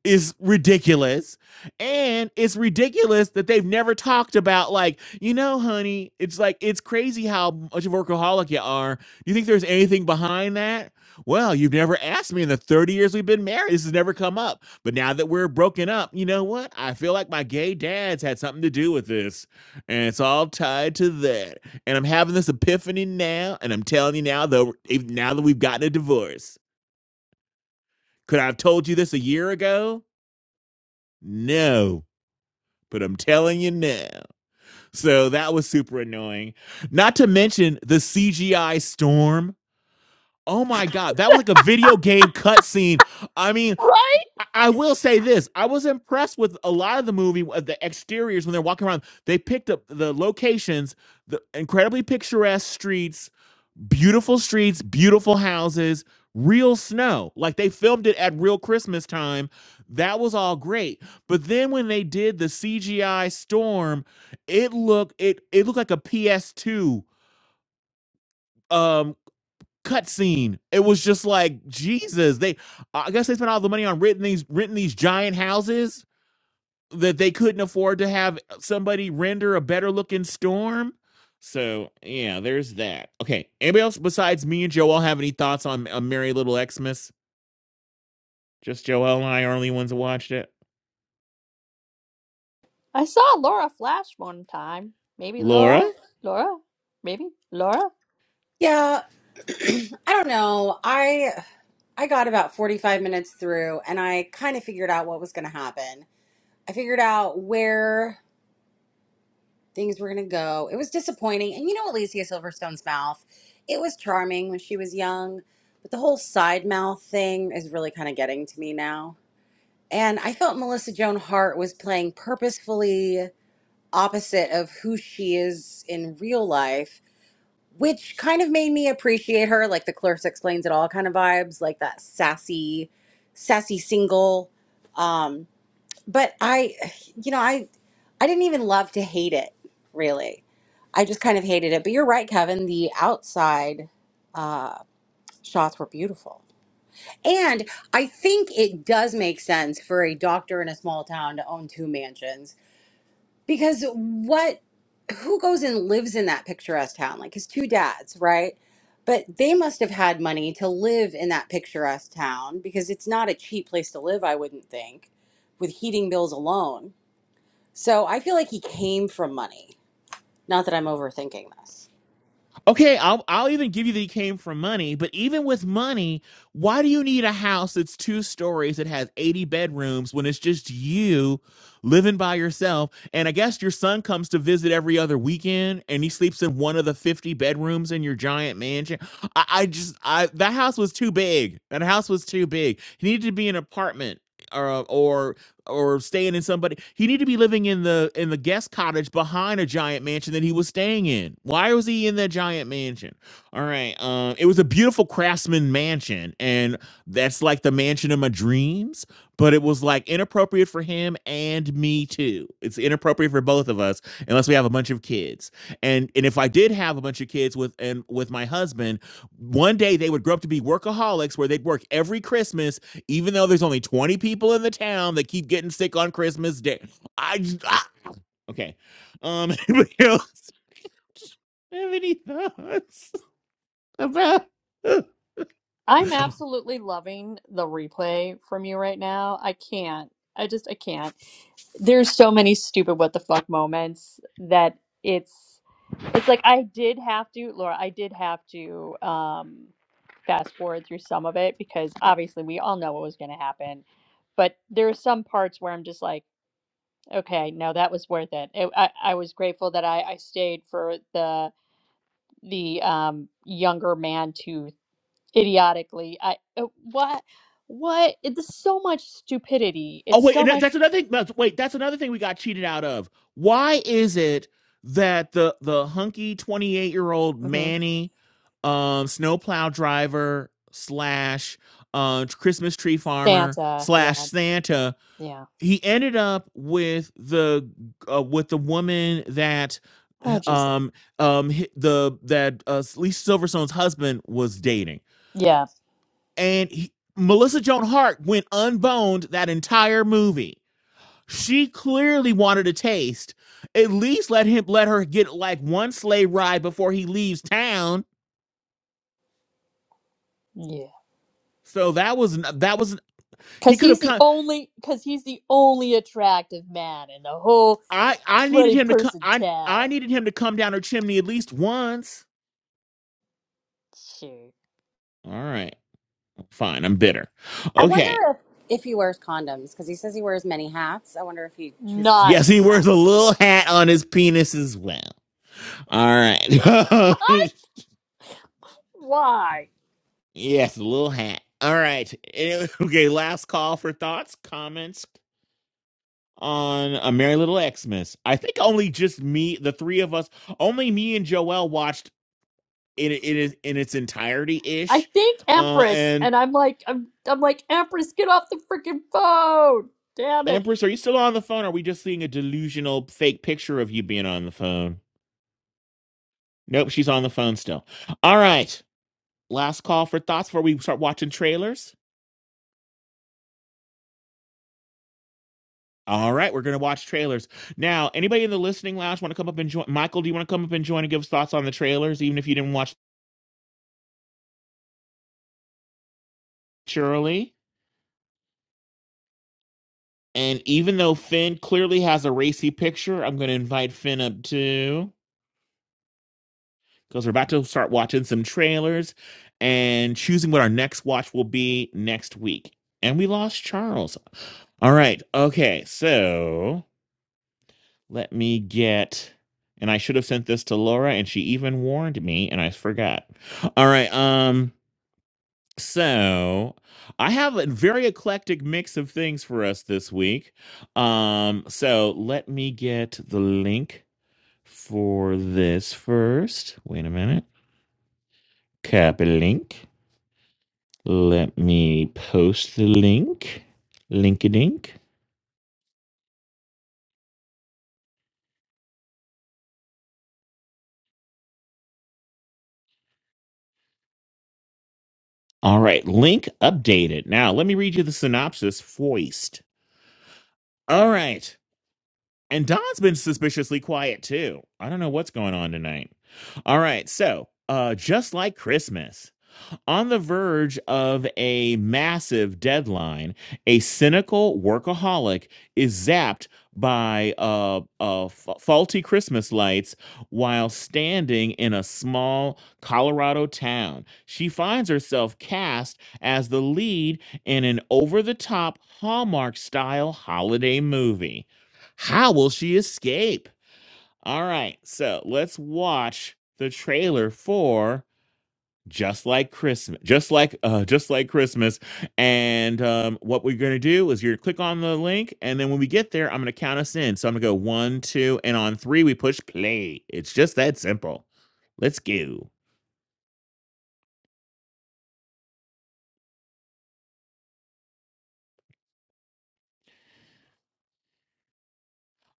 is ridiculous. And it's ridiculous that they've never talked about, like, you know, honey, it's like, it's crazy how much of a workaholic you are. Do you think there's anything behind that? Well, you've never asked me in the 30 years we've been married. This has never come up. But now that we're broken up, you know what? I feel like my gay dad's had something to do with this. And it's all tied to that. And I'm having this epiphany now. And I'm telling you now, though, even now that we've gotten a divorce, could I have told you this a year ago? No. but I'm telling you now. So that was super annoying. Not to mention the CGI storm. Oh my God, that was like a video game cutscene. I mean, Right? I-, I will say this I was impressed with a lot of the movie, uh, the exteriors when they're walking around. They picked up the locations, the incredibly picturesque streets, beautiful streets, beautiful houses, real snow. Like they filmed it at real Christmas time. That was all great. But then when they did the CGI storm, it looked it it looked like a PS2 um cutscene. It was just like Jesus. They I guess they spent all the money on renting these renting these giant houses that they couldn't afford to have somebody render a better looking storm. So yeah, there's that. Okay, anybody else besides me and Joel have any thoughts on a Merry Little Xmas? Just Joel and I are the only ones that watched it. I saw Laura Flash one time. Maybe Laura, Laura? Laura? Maybe Laura? Yeah, [clears throat] I don't know. I I got about 45 minutes through and I kind of figured out what was going to happen. I figured out where things were going to go. It was disappointing. And you know Alicia Silverstone's mouth? It was charming when she was young, but the whole side mouth thing is really kind of getting to me now. And I felt Melissa Joan Hart was playing purposefully opposite of who she is in real life which kind of made me appreciate her like the Clarissa explains it all kind of vibes like that sassy sassy single um but i you know i i didn't even love to hate it really i just kind of hated it but you're right kevin the outside uh shots were beautiful and i think it does make sense for a doctor in a small town to own two mansions because what who goes and lives in that picturesque town like his two dads right but they must have had money to live in that picturesque town because it's not a cheap place to live i wouldn't think with heating bills alone so i feel like he came from money not that i'm overthinking this Okay, I'll I'll even give you that he came from money, but even with money, why do you need a house that's two stories that has 80 bedrooms when it's just you living by yourself? And I guess your son comes to visit every other weekend and he sleeps in one of the 50 bedrooms in your giant mansion. I, I just I that house was too big. That house was too big. He needed to be an apartment. or or or staying in somebody. He needed to be living in the in the guest cottage behind a giant mansion that he was staying in. Why was he in that giant mansion? All right, um, it was a beautiful craftsman mansion, and that's like the mansion of my dreams. But it was like inappropriate for him and me too. It's inappropriate for both of us unless we have a bunch of kids. And and if I did have a bunch of kids with and with my husband, one day they would grow up to be workaholics where they'd work every Christmas even though there's only 20 people in the town that keep getting sick on Christmas Day. I just, ah! okay. Um, [laughs] anybody else have any thoughts about? I'm Oh absolutely loving the replay from you right now. I can't. I just I can't. there's so many stupid what the fuck moments that it's it's like I did have to, Laura, I did have to um fast forward through some of it because obviously we all know what was going to happen. But there are some parts where I'm just like, okay, no, that was worth it. it I, I was grateful that I, I stayed for the the um younger man to idiotically I uh, what what it's so much stupidity. It's wait, so and that- much that's another thing. that's- Wait, that's another thing we got cheated out of. Why is it that the the hunky 28 year old Mhm. Manny, um, snowplow driver slash uh Christmas tree farmer Santa. slash Yeah. Santa Yeah. he ended up with the uh, with the woman that Oh jeez. um um the that uh Lisa Silverstone's husband was dating. Yeah. And he, Melissa Joan Hart went unboned that entire movie. She clearly wanted a taste. At least let him let her get like one sleigh ride before he leaves town. Yeah. So that was that was he Cause could have he's the come. only cause he's the only attractive man in the whole I I needed twenty him to come. person I I town. needed him to come down her chimney at least once. Shoot. All right. Fine, I'm bitter. i wonder Okay. if if he wears condoms because he says he wears many hats i wonder if he chooses Yes, those Nice. as he wears a hats too little hat on his penis as well. All right. [laughs] [laughs] Why? yes, a little hat. All right. [laughs] Anyway, Okay, last call for thoughts, comments on A Merry Little Xmas. I think only just me, the three of us, only me and Joel watched it in, in, in its entirety I ish. think Uh, Empress and and I'm like I'm I'm like Empress get off the freaking phone. Damn it. Empress, are you still on the phone? Or are we just seeing a delusional fake picture of you being on the phone? Nope, she's on the phone still. All right. Last call for thoughts before we start watching trailers. All right, we're gonna watch trailers now. Anybody in the listening lounge want to come up and join? Michael, do you want to come up and join and give us thoughts on the trailers, even if you didn't watch Shirley? And even though Finn clearly has a racy picture, I'm gonna invite Finn up too because we're about to start watching some trailers and choosing what our next watch will be next week. And we lost Charles. All right, okay, so Let me get. And I should have sent this to Laura, and she even warned me, and I forgot. All right. Um. So I have a very eclectic mix of things for us this week. Um. So let me get the link for this first. Wait a minute. Copy link. Let me post the link. Link a dink. All right, link updated. Now, let me read you the synopsis. Foist. All right. And Don's been suspiciously quiet too. I don't know what's going on tonight. All right, so uh, just like Christmas on the verge of a massive deadline, a cynical workaholic is zapped by uh, uh, fa- faulty Christmas lights while standing in a small Colorado town. She finds herself cast as the lead in an over the top Hallmark style holiday movie. How will she escape? All right, so let's watch the trailer for just like Christmas, just like uh, just like Christmas. And um, what we're gonna do is you're gonna click on the link, and then when we get there, I'm gonna count us in. So I'm gonna go one, two, and on three we push play. It's just that simple. Let's go.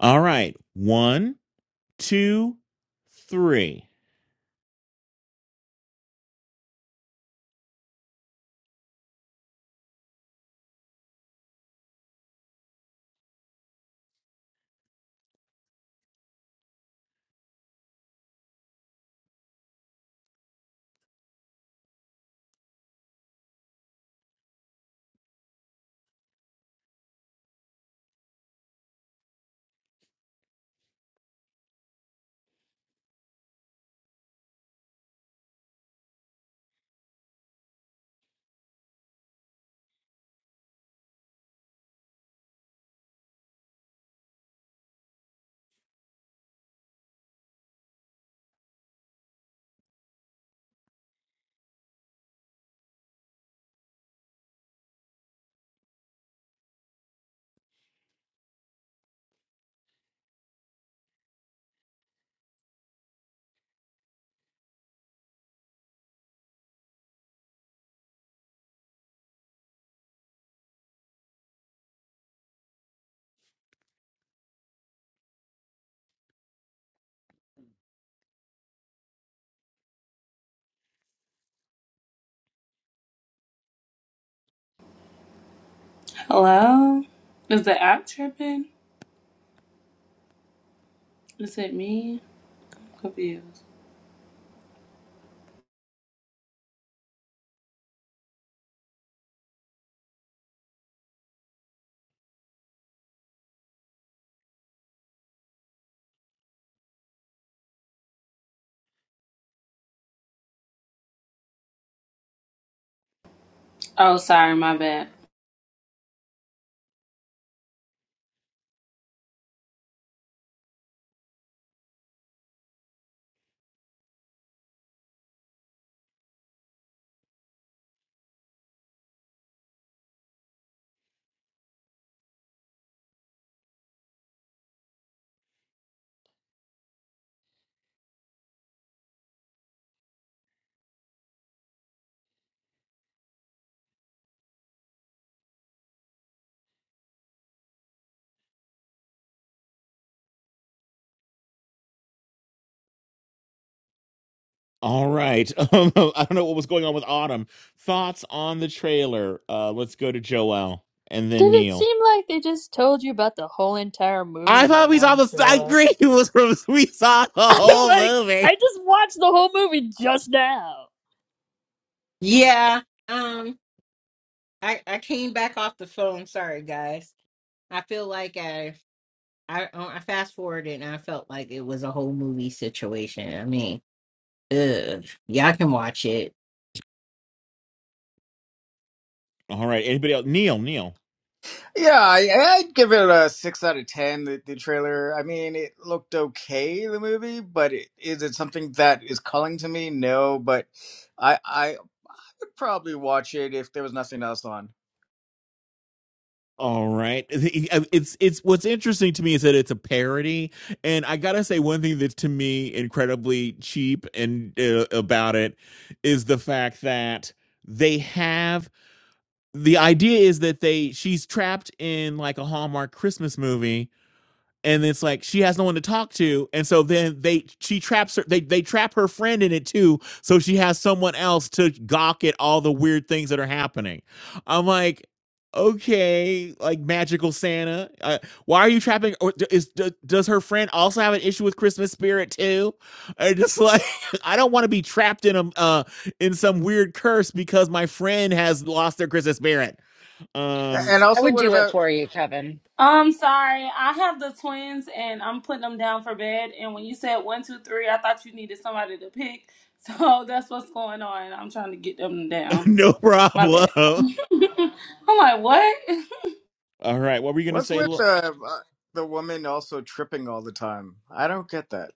All right, one, two, three. Hello? Is the app tripping? Is it me? I'm confused. Oh, sorry, my bad. All right. [laughs] I don't know what was going on with Autumn. Thoughts on the trailer? Uh, let's go to Joel and then Did it Neil. seem like they just told you about the whole entire movie I in the thought we saw one the. I trailer? agree. It [laughs] was from, we saw [laughs] the I'm whole like I movie. just watched the whole movie just now. Yeah. Um. I I came back off the phone. Sorry, guys. I feel like I I oh, I fast forwarded and I felt like it was a whole movie situation. I mean, ugh. Y'all can watch it All right. Anybody else? Neil, Neil. Yeah, I, I'd give it a six out of ten. The, the trailer, I mean, it looked okay, the movie, but it, is it something that is calling to me? No, but I, I Probably watch it if there was nothing else on. All right. It's it's what's interesting to me is that it's a parody, and I gotta say one thing that's to me incredibly cheap and uh, about it is the fact that they have the idea is that they she's trapped in like a Hallmark Christmas movie, and it's like she has no one to talk to and so then they she traps her they they trap her friend in it too so she has someone else to gawk at all the weird things that are happening i'm like okay like magical santa uh, why are you trapping or d- is d- does her friend also have an issue with christmas spirit too i just like [laughs] i don't want to be trapped in a uh in some weird curse because my friend has lost their christmas spirit A- um And I also, would what do it about for you, Kevin. I'm sorry. I have the twins and I'm putting them down for bed. And when you said one, two, three, I thought you needed somebody to pick. So [laughs] that's what's going on. I'm trying to get them [laughs] down. no My problem bad. [laughs] [laughs] I'm like, what? all right what were you gonna what's with say the uh, the woman also tripping all the time? I don't get that.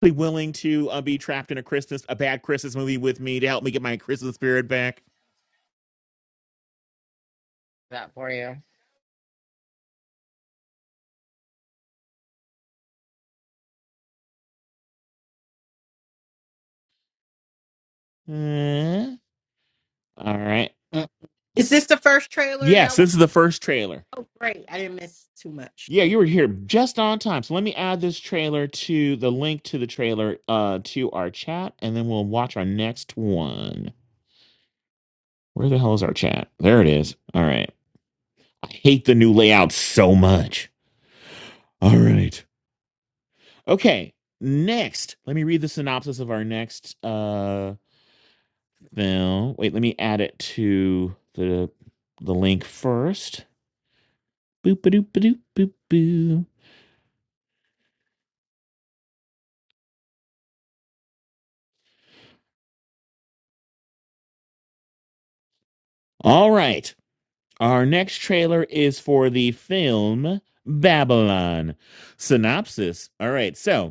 be willing to uh, be trapped in a Christmas a bad Christmas movie with me to help me get my Christmas spirit back. That for you. Hmm. All right. Mm. Is this the first trailer Yes, y'all watch? this is the first trailer. Oh, great. I didn't miss too much. Yeah, Thank you you. were here just on time. So let me add this trailer to the link to the trailer uh to our chat and then we'll watch our next one. Where the hell is our chat? There it is. All right. I hate the new layout so much. All right. Okay. Next, let me read the synopsis of our next uh Now, wait, let me add it to the the link first. Boop a doop a doop boop boo. All right. Our next trailer is for the film Babylon. Synopsis. All right. So,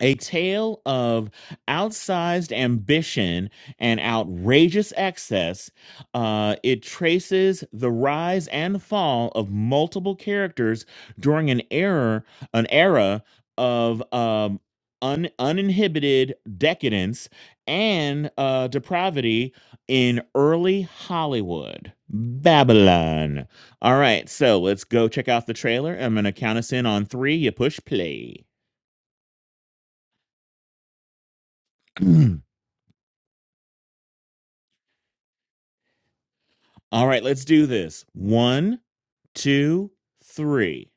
a tale of outsized ambition and outrageous excess. Uh, it traces the rise and fall of multiple characters during an era, an era of um, un, uninhibited decadence and uh, depravity in early Hollywood. Babylon. All right, so let's go check out the trailer. I'm going to count us in on three. You push play. [clears throat] All right, let's do this. One, two, three.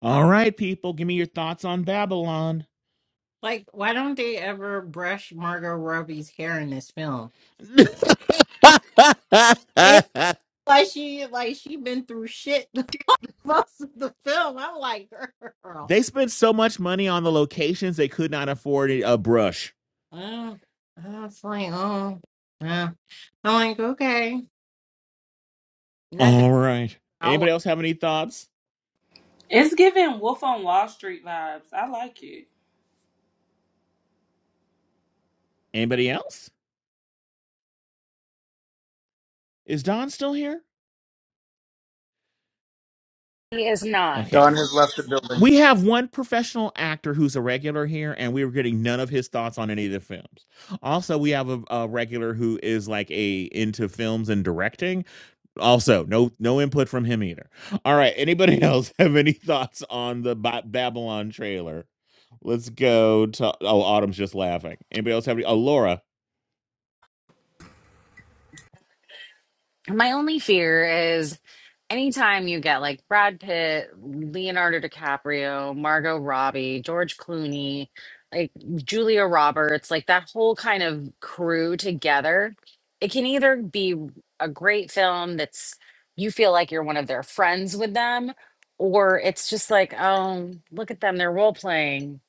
All right, people, give me your thoughts on Babylon. Like, why don't they ever brush Margot Robbie's hair in this film? [laughs] It's like she like she been through shit [laughs] most of the film. I'm like, girl. they spent so much money on the locations they could not afford a brush. Oh, I was like, oh, yeah. I'm like, okay, not that All right. I wa- Anybody else have any thoughts? It's giving Wolf on Wall Street vibes. I like it. Anybody else? Is Don still here? He is not. Okay. Don has left the building. we have one professional actor who's a regular here, and we were getting none of his thoughts on any of the films. Also, we have a, a regular who is like a into films and directing. Also, no no input from him either. All right, anybody [laughs] else have any thoughts on the ba- Babylon trailer? Let's go to oh, Autumn's just laughing. Anybody else have any? Oh, Laura. My only fear is anytime you get like Brad Pitt, Leonardo DiCaprio, Margot Robbie, George Clooney, like Julia Roberts, like that whole kind of crew together, it can either be a great film that's you feel like you're one of their friends with them, or it's just like, oh, look at them, they're role playing.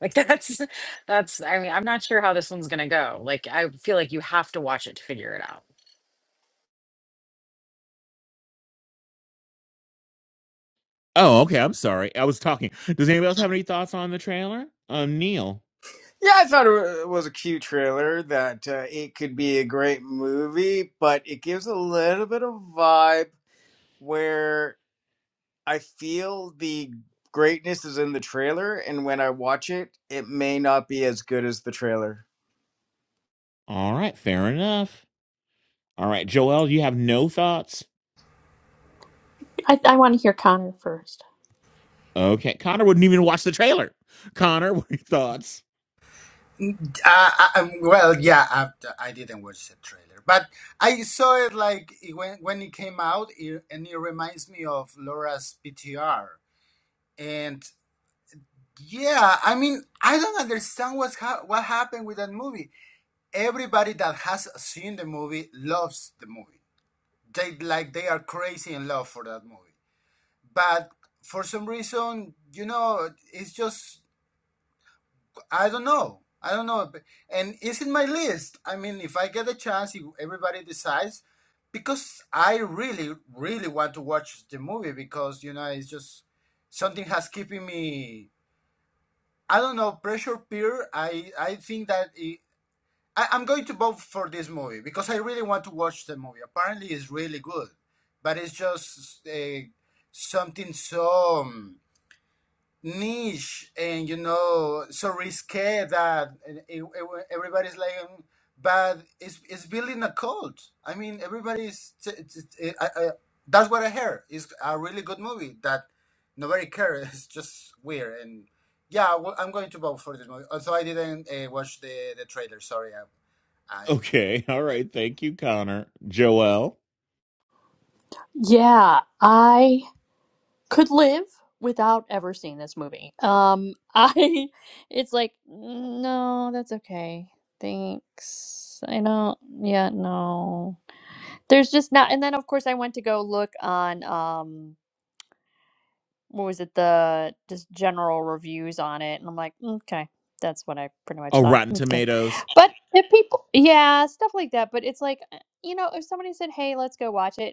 Like [laughs] that's that's I mean, I'm not sure how this one's gonna go. Like I feel like you have to watch it to figure it out. Oh, okay. I'm sorry. I was talking. Does anybody else have any thoughts on the trailer? Um, Neil. Yeah, I thought it wa- was a cute trailer that uh, it could be a great movie, but it gives a little bit of vibe where I feel the greatness is in the trailer, and when I watch it, it may not be as good as the trailer. All right, fair enough. All right, Joel, you have no thoughts. I I want to hear Connor first. Okay. Connor wouldn't even watch the trailer. Connor, [laughs] what are your thoughts? Uh, I, um, well, yeah, after I didn't watch the trailer, but I saw it like it- when when it came out, it, and it reminds me of Laura's PTR. And yeah, I mean, I don't understand what's ha- what happened with that movie. Everybody that has seen the movie loves the movie. They like they are crazy in love for that movie, but for some reason, you know, it's just I don't know. I don't know. And it's in my list. I mean, if I get a chance, if everybody decides, because I really, really want to watch the movie because, you know, it's just something has keeping me, I don't know, pressure peer. I, I think that it, I, I'm going to vote for this movie because I really want to watch the movie. Apparently, it's really good, but it's just uh, something so. um, niche and you know so risque that it, it, everybody's like um, but it's it's building a cult i mean everybody's t- t- t- I, I, that's what i heard it's a really good movie that nobody cares [laughs] it's just weird and yeah well, i'm going to vote for this movie also i didn't uh, watch the the trailer sorry i, I Okay. All yeah right. Thank you, Connor. Joel. Yeah, I could live without ever seeing this movie. Um, I [laughs] it's like no, that's okay. Thanks. I don't. Yeah, no. There's just not. And then of course I went to go look on um what was it the just general reviews on it, and I'm like okay. That's what I pretty much Oh, thought. Rotten Okay. Tomatoes. But if people, yeah, stuff like that. But it's like, uh, you know, if somebody said, hey, let's go watch it,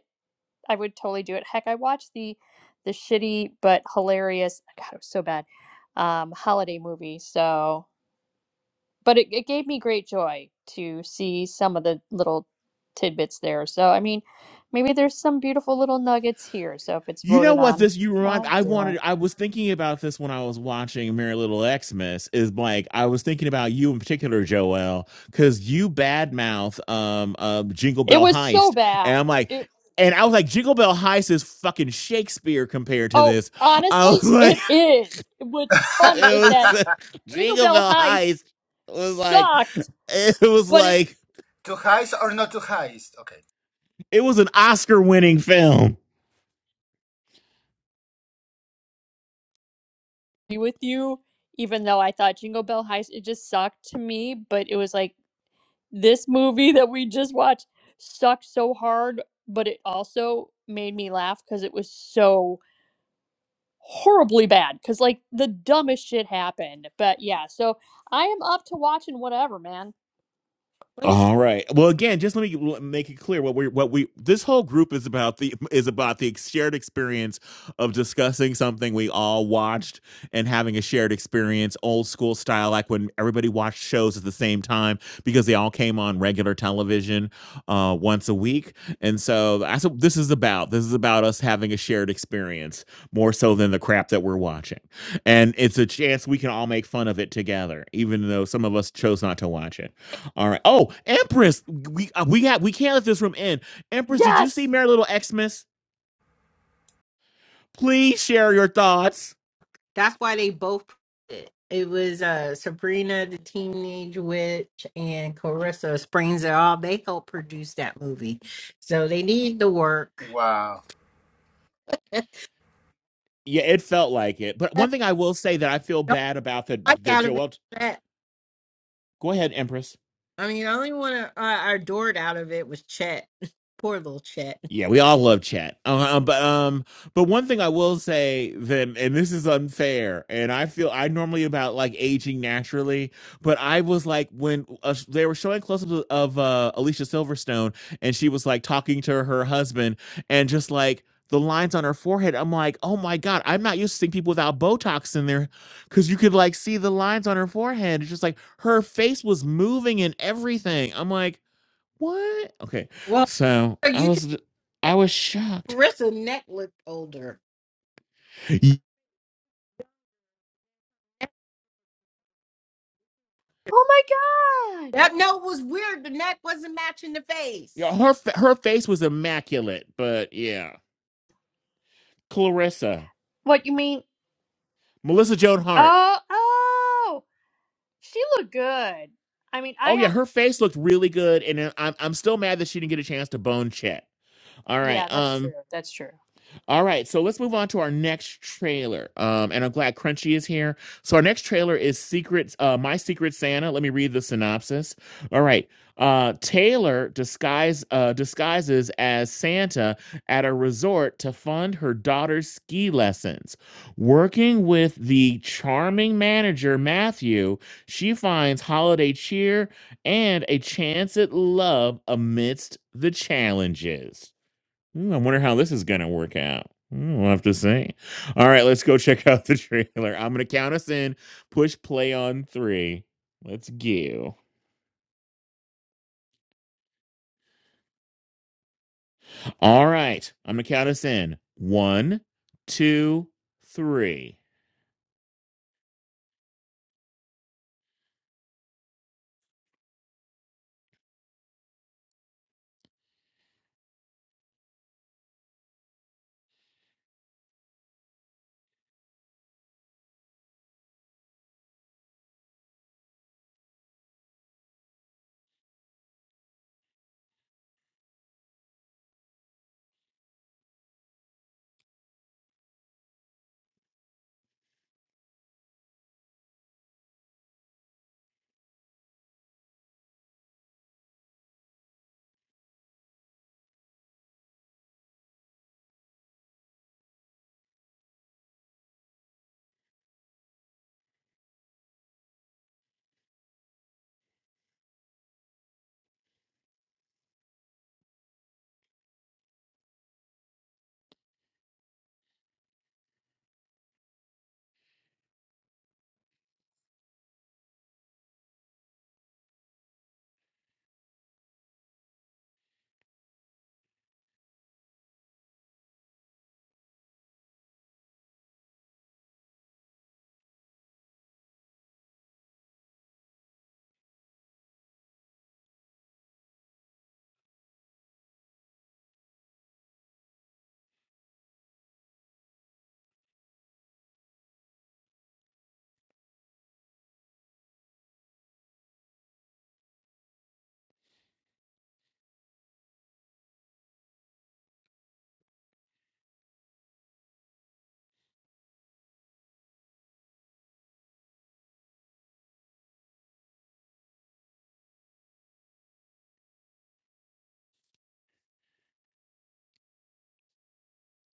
I would totally do it. Heck, I watched the the shitty but hilarious God, it was so bad um, holiday movie. So, but it, it gave me great joy to see some of the little tidbits there. So, I mean, maybe there's some beautiful little nuggets here. So, if it's You know voted what on, this you remind I'll I do it. wanted I was thinking about this when I was watching Merry Little Xmas is like I was thinking about you in particular, Joel, because you badmouth um uh Jingle It Bell was so Heist. bad. And I'm like It and I was like, Jingle Bell Heist is fucking Shakespeare compared to oh, this. I honestly, was [laughs] like, it is. What's funny is It that was [laughs] [laughs] Jingle Jingle Bell Bell Heist Heist was like sucked, it was but it like to heist or not to heist okay it was an Oscar winning film. agree with you, even though I thought Jingle Bell Heist it just sucked to me, but it was like this movie [laughs] that we just watched sucked so hard, but it also made me laugh because it was so horribly bad because like the dumbest shit happened. But yeah, so I am up to watching whatever, man. Let me. tell- All right. Well, again, just let me make it clear what we what we this whole group is about the is about the shared experience of discussing something we all watched and having a shared experience, old school style, like when everybody watched shows at the same time because they all came on regular television uh, once a week, and so that's what this is about. This is about us having a shared experience more so than the crap that we're watching, and it's a chance we can all make fun of it together, even though some of us chose not to watch it. All right. Oh, Empress, we uh, we got we can't let this room end. Empress, did you see Yes! Merry Little Xmas? Please share your thoughts. That's why they both. It, it was uh Sabrina the Teenage Witch and Carissa Springs et al. They helped produce that movie, so they need the work. wow Yeah, it felt like it. But I one thing I will say that I feel Don't bad about like that that out of it. Joel. Chet. Go ahead, Empress. I mean, the only one I, I adored out of it was Chet. [laughs] Poor little Chet. Yeah, we all love chat. Uh-huh, Uh, but um, but one thing I will say that, and this is unfair, and I feel I normally about like aging naturally, but I was like when uh, they were showing close-ups of of, uh, Alicia Silverstone, and she was like talking to her husband, and just like the lines on her forehead, I'm like, oh my god, I'm not used to seeing people without Botox in there, because you could like see the lines on her forehead. It's just like her face was moving and everything. I'm like what? Okay. Well, So I you can. was I was shocked. Carissa neck looked older. Oh my god! That note was weird. The neck wasn't matching the face. Yeah, her her face was immaculate, but yeah, Clarissa, What you mean? Melissa Joan Hart. Oh, oh! She looked good. I mean, I Oh yeah, have. her face looked really good, and I- am I'm still mad that she didn't get a chance to bone Chet. All right. Yeah, that's um. true. That's true. All right, so let's move on to our next trailer. Um, and I'm glad Crunchy is here. So our next trailer is Secret, uh, My Secret Santa. Let me read the synopsis. All right, uh, Taylor disguise uh, disguises as Santa at a resort to fund her daughter's ski lessons. Working with the charming manager Matthew, she finds holiday cheer and a chance at love amidst the challenges. Hmm, I wonder how this is going to work out. Hmm, We'll have to see. All right, let's go check [laughs] out the trailer. I'm going to count us in. Push play on three. Let's go. All right, I'm going to count us in. One, two, three.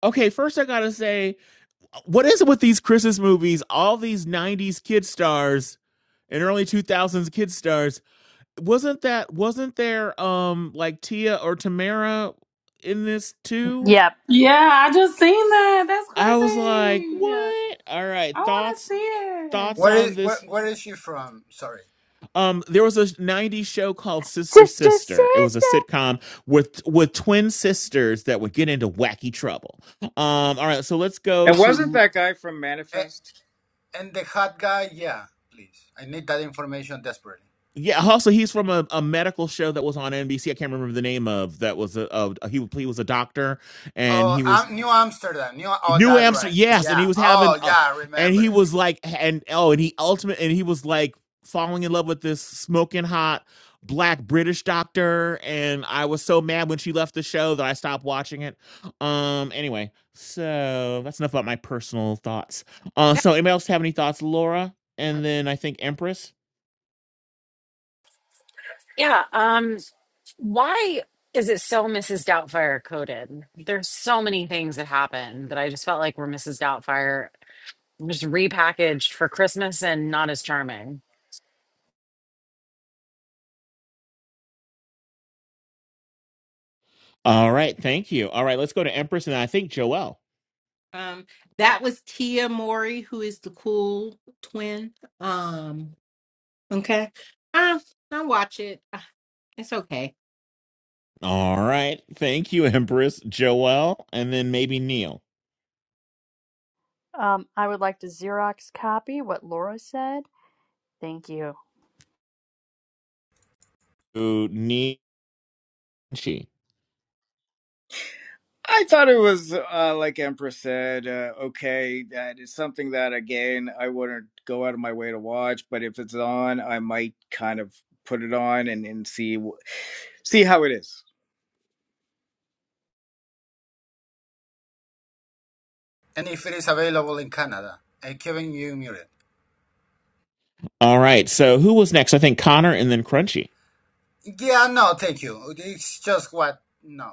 Okay, first I got to say, what is it with these Christmas movies? All these 90s kid stars and early 2000s kid stars. Wasn't that, wasn't there um like Tia or Tamara in this too? Yep. Yeah, I just seen that. That's I was like, crazy. "What?" All right, I want to thoughts see it. thoughts where on is where, this? where is she from sorry Um, there was a '90s show called Sister Sister, sister. Sister. It was a sitcom with with twin sisters that would get into wacky trouble. Um, all right, so let's go And wasn't to that guy from Manifest? And the hot guy, yeah, please. I need that information desperately. yeah. Also, he's from a, a medical show that was on NBC. I can't remember the name of that was a, a he he was a doctor and Oh, he was Am New Amsterdam. New. Oh, New that's right. Amsterdam, yes, and Yeah. he was having, Oh, uh, yeah. I and Remember he that. was like, and oh, and he ultimate, and he was like falling in love with this smoking hot black British doctor, and I was so mad when she left the show that I stopped watching it. Um, anyway, so that's enough about my personal thoughts. Uh, That so anybody else have any thoughts, Laura? one. And then I think Empress. Yeah. Um. Why is it so Mrs. Doubtfire coded? There's so many things that happen that I just felt like were Mrs. Doubtfire just repackaged for Christmas and not as charming. All right, thank you. All right, let's go to Empress, and I think Joelle. Um, that was Tia Mori, who is the cool twin. Um, okay. Uh, I'll watch it. Uh, It's okay. All right, thank you, [laughs] Empress, Joelle, and then maybe Neil. Um, I would like to Xerox copy what Laura said. Thank you. Ooh, Nietzsche. I thought it was uh, like Empress said, uh, okay, that is something that again I wouldn't go out of my way to watch, but if it's on, I might kind of put it on and, and see wh- see how it is. And if it is available in Canada, and Kevin, you muted. All right. So who was next? I think Connor and then Crunchy. Yeah. No, thank you. It's just what. No.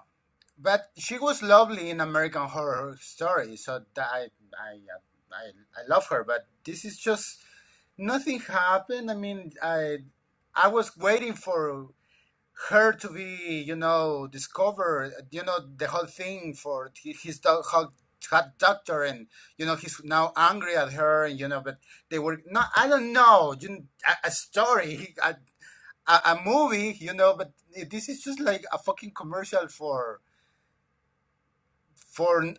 But she was lovely in American Horror Story, so that I, I, I, I love her. But this is just nothing happened. I mean, I, I was waiting for. her to be, you know, discovered, you know, the whole thing for his do- hot hot doctor, and you know, he's now angry at her, and you know, but they were not. I don't know, you, a, a story, a, a, a movie, you know, but this is just like a fucking commercial for for n-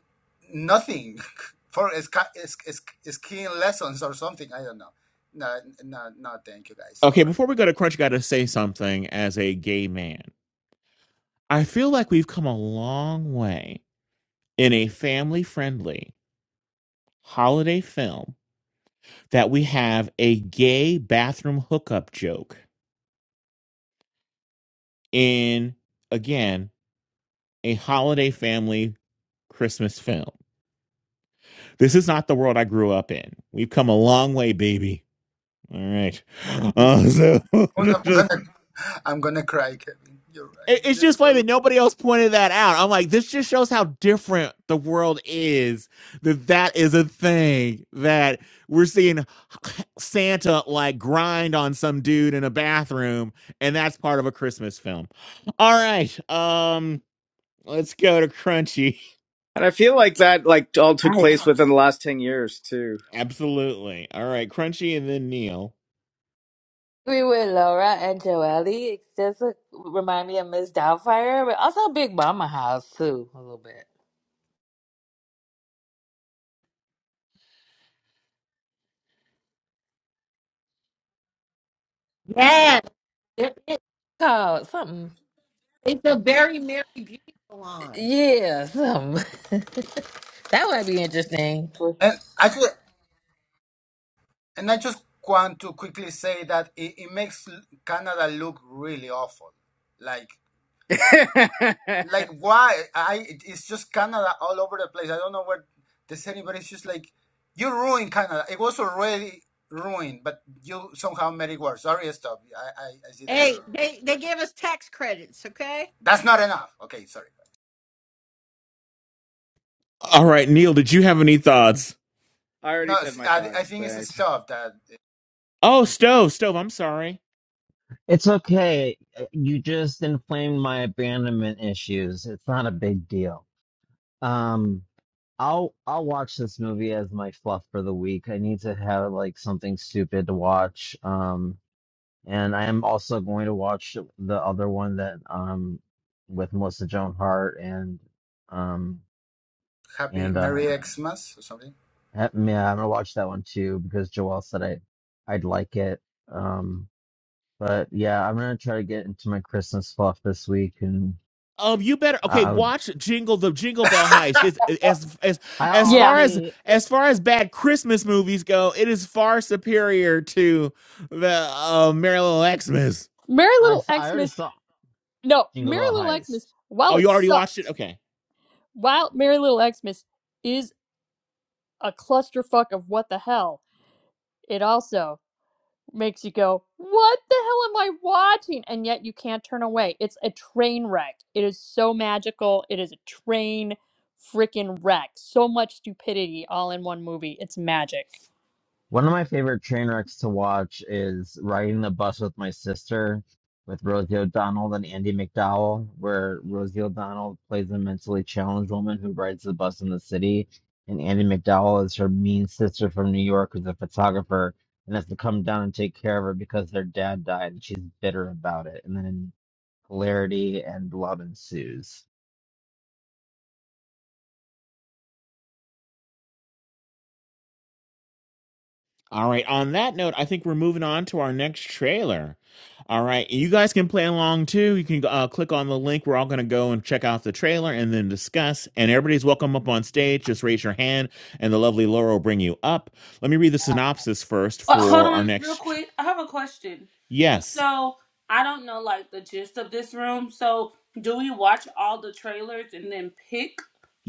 nothing, [laughs] for esca- es- es- skiing lessons or something. I don't know. No, no, no. Thank you, guys. Okay, Or before we go to Crunchy, gotta say something as a gay man. I feel like we've come a long way in a family friendly holiday film that we have a gay bathroom hookup joke in again a holiday family Christmas film. This is not the world I grew up in. We've come a long way, baby. All right. Uh, I'm, I'm so [laughs] gonna, I'm gonna cry, Kevin. You're right. It's You're just funny so that nobody else pointed that out. I'm like, this just shows how different the world is. That that is a thing that we're seeing Santa like grind on some dude in a bathroom, and that's part of a Christmas film. All right, um, let's go to Crunchy. And I feel like that like all took I place within the last ten years too. [laughs] Absolutely. All right, Crunchy, and then Neil. agree with Laura and Joelle. It just uh, remind me of Miss Doubtfire, but also Big Mama House too, a little bit. Yes, It, it, Called something. it's a very merry beauty salon. Yeah, something. [laughs] that would be interesting. And actually, and I just want to quickly say that it, it makes l- Canada look really awful. Like, [laughs] I like why? I it- it's just Canada all over the place. I don't know where this anybody. It's just like you ruined Canada. It was already ruined, but you somehow made it worse. Sorry, stop. I I, I see that you're. Hey, they, they give us tax credits, okay? That's not enough. Okay, sorry. All right, Neil, did you have any thoughts? already No, said s- my I, I thoughts. think it's a Thanks. stop that uh, Oh, stove, stove. I'm sorry. It's okay. You just inflamed my abandonment issues. It's not a big deal. Um, I'll I'll watch this movie as my fluff for the week. I need to have like something stupid to watch. Um, and I am also going to watch the other one that um with Melissa Joan Hart and um Happy and uh Merry Xmas or something. yeah, I'm gonna watch that one too because Joelle said I I'd like it. Um. But yeah, I'm gonna try to get into my Christmas fluff this week, and Um, you better I, okay. I would. Watch Jingle the Jingle Bell Heist. It's, as as I as Yeah. far as already, as far as bad Christmas movies go, it is far superior to the uh, Merry Little Xmas. Merry I, Little s- I already Xmas. saw No, Jingle Merry Bell Little Heist. Xmas, while Oh, you it already watched it. sucks, Okay, while Merry Little Xmas is a clusterfuck of what the hell, it also makes you go, What the hell am I watching? And yet you can't turn away. It's a train wreck. It is so magical. It is a train freaking wreck. So much stupidity all in one movie. It's magic. One of my favorite train wrecks to watch is Riding the Bus with My Sister with Rosie O'Donnell and Andy McDowell, where Rosie O'Donnell plays a mentally challenged woman who rides the bus in the city, and Andy McDowell is her mean sister from New York who's a photographer and has to come down and take care of her because their dad died and she's bitter about it. And then hilarity and love ensues. all right. On that note, I think we're moving on to our next trailer. All right, you guys can play along too. You can uh, click on the link. We're all going to go and check out the trailer and then discuss. And everybody's welcome up on stage. Just raise your hand, and the lovely Laura will bring you up. Let me read the synopsis first But hold for our on, real next. quick. I have a question. Yes. So I don't know like the gist of this room. So do we watch all the trailers and then pick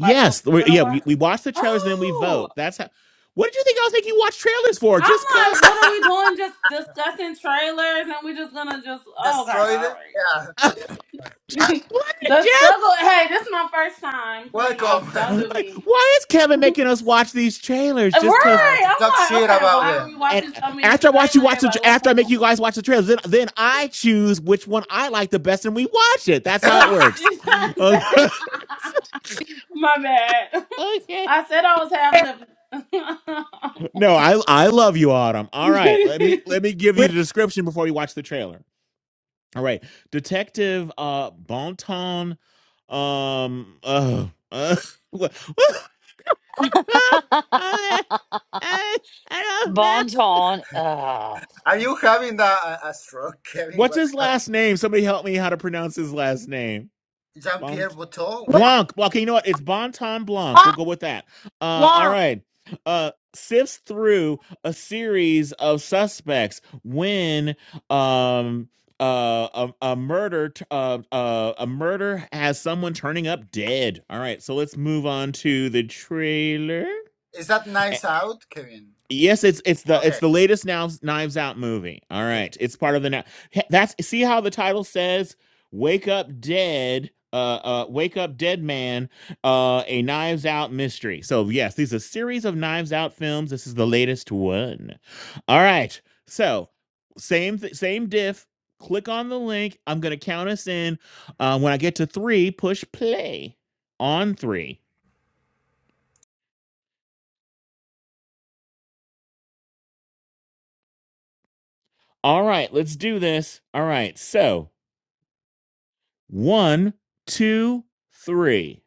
like what we we're gonna yeah, we, watch? we watch the trailers and then we Oh, vote. That's how. What did you think I was making you watch trailers for? Just I'm cut. like, what are we doing? Just discussing trailers and we're just gonna just okay, all Destroyed it. right. Yeah. that- [laughs] [laughs] Just what? the Just. struggle. Hey, this is my first time. Uh, Please don't Welcome. do [laughs] like, me. why is Kevin making us watch these trailers Uh, just because? Uh, Right. to talk I'm like, shit okay, about why are we them. And watching so many after I watch you watch trailers? the, Like, tra- what's after I going make on? you guys watch the trailers, then then I choose which one I like the best, and we watch it. That's how it [laughs] works. You know what [laughs] I'm saying? Okay. [laughs] my bad. [laughs] okay. I said I was half living. No, I I love you, Autumn. All right, let me [laughs] let me give you the description before we watch the trailer. All right, Detective uh Bonton um uh, uh what, [laughs] [laughs] I don't know. Bon ton. Ugh. Are you having a, a, a stroke, [laughs] Kevin? What's What's his up? last name? Somebody help me how to pronounce his last name. Jean Pierre Bont. Bouteau? Womp, With, Blanc. Okay, you know what? It's Bon Ton Blanc. We'll go with that. Uh, all womp. right. Uh, sifts through a series of suspects when um uh a, a murder t- uh, uh a murder has someone turning up dead. All right, so let's move on to the trailer. is that nice out, Kevin? Yes, it's it's the it's Okay, the latest Knives Knives Out movie. All okay. right, it's Thank part of the you. now. That's see how the title says, "Wake Up Dead." Uh, uh, wake up, dead man! Uh, a Knives Out mystery. So yes, these are a series of Knives Out films. This is the latest one. All right. So same th- same diff. Click on the link. I'm gonna count us in. Uh, when I get to three, push play on three. All right, let's do this. All right, so. One, two, three.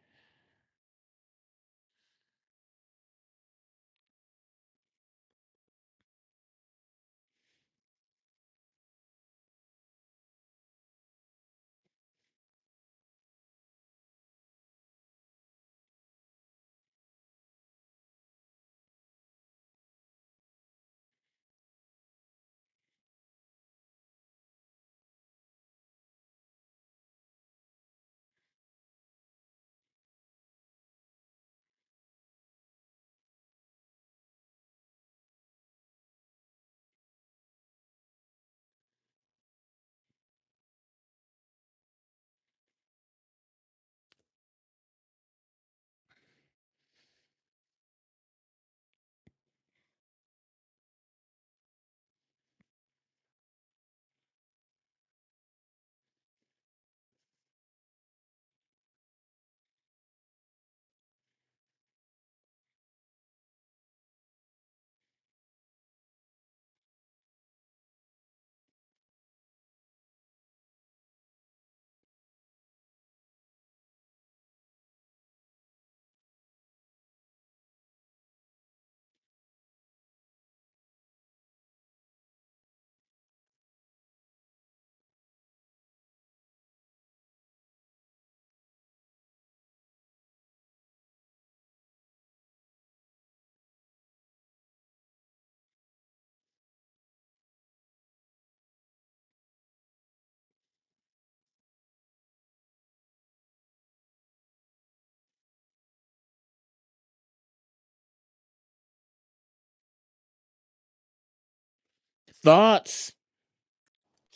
Thoughts?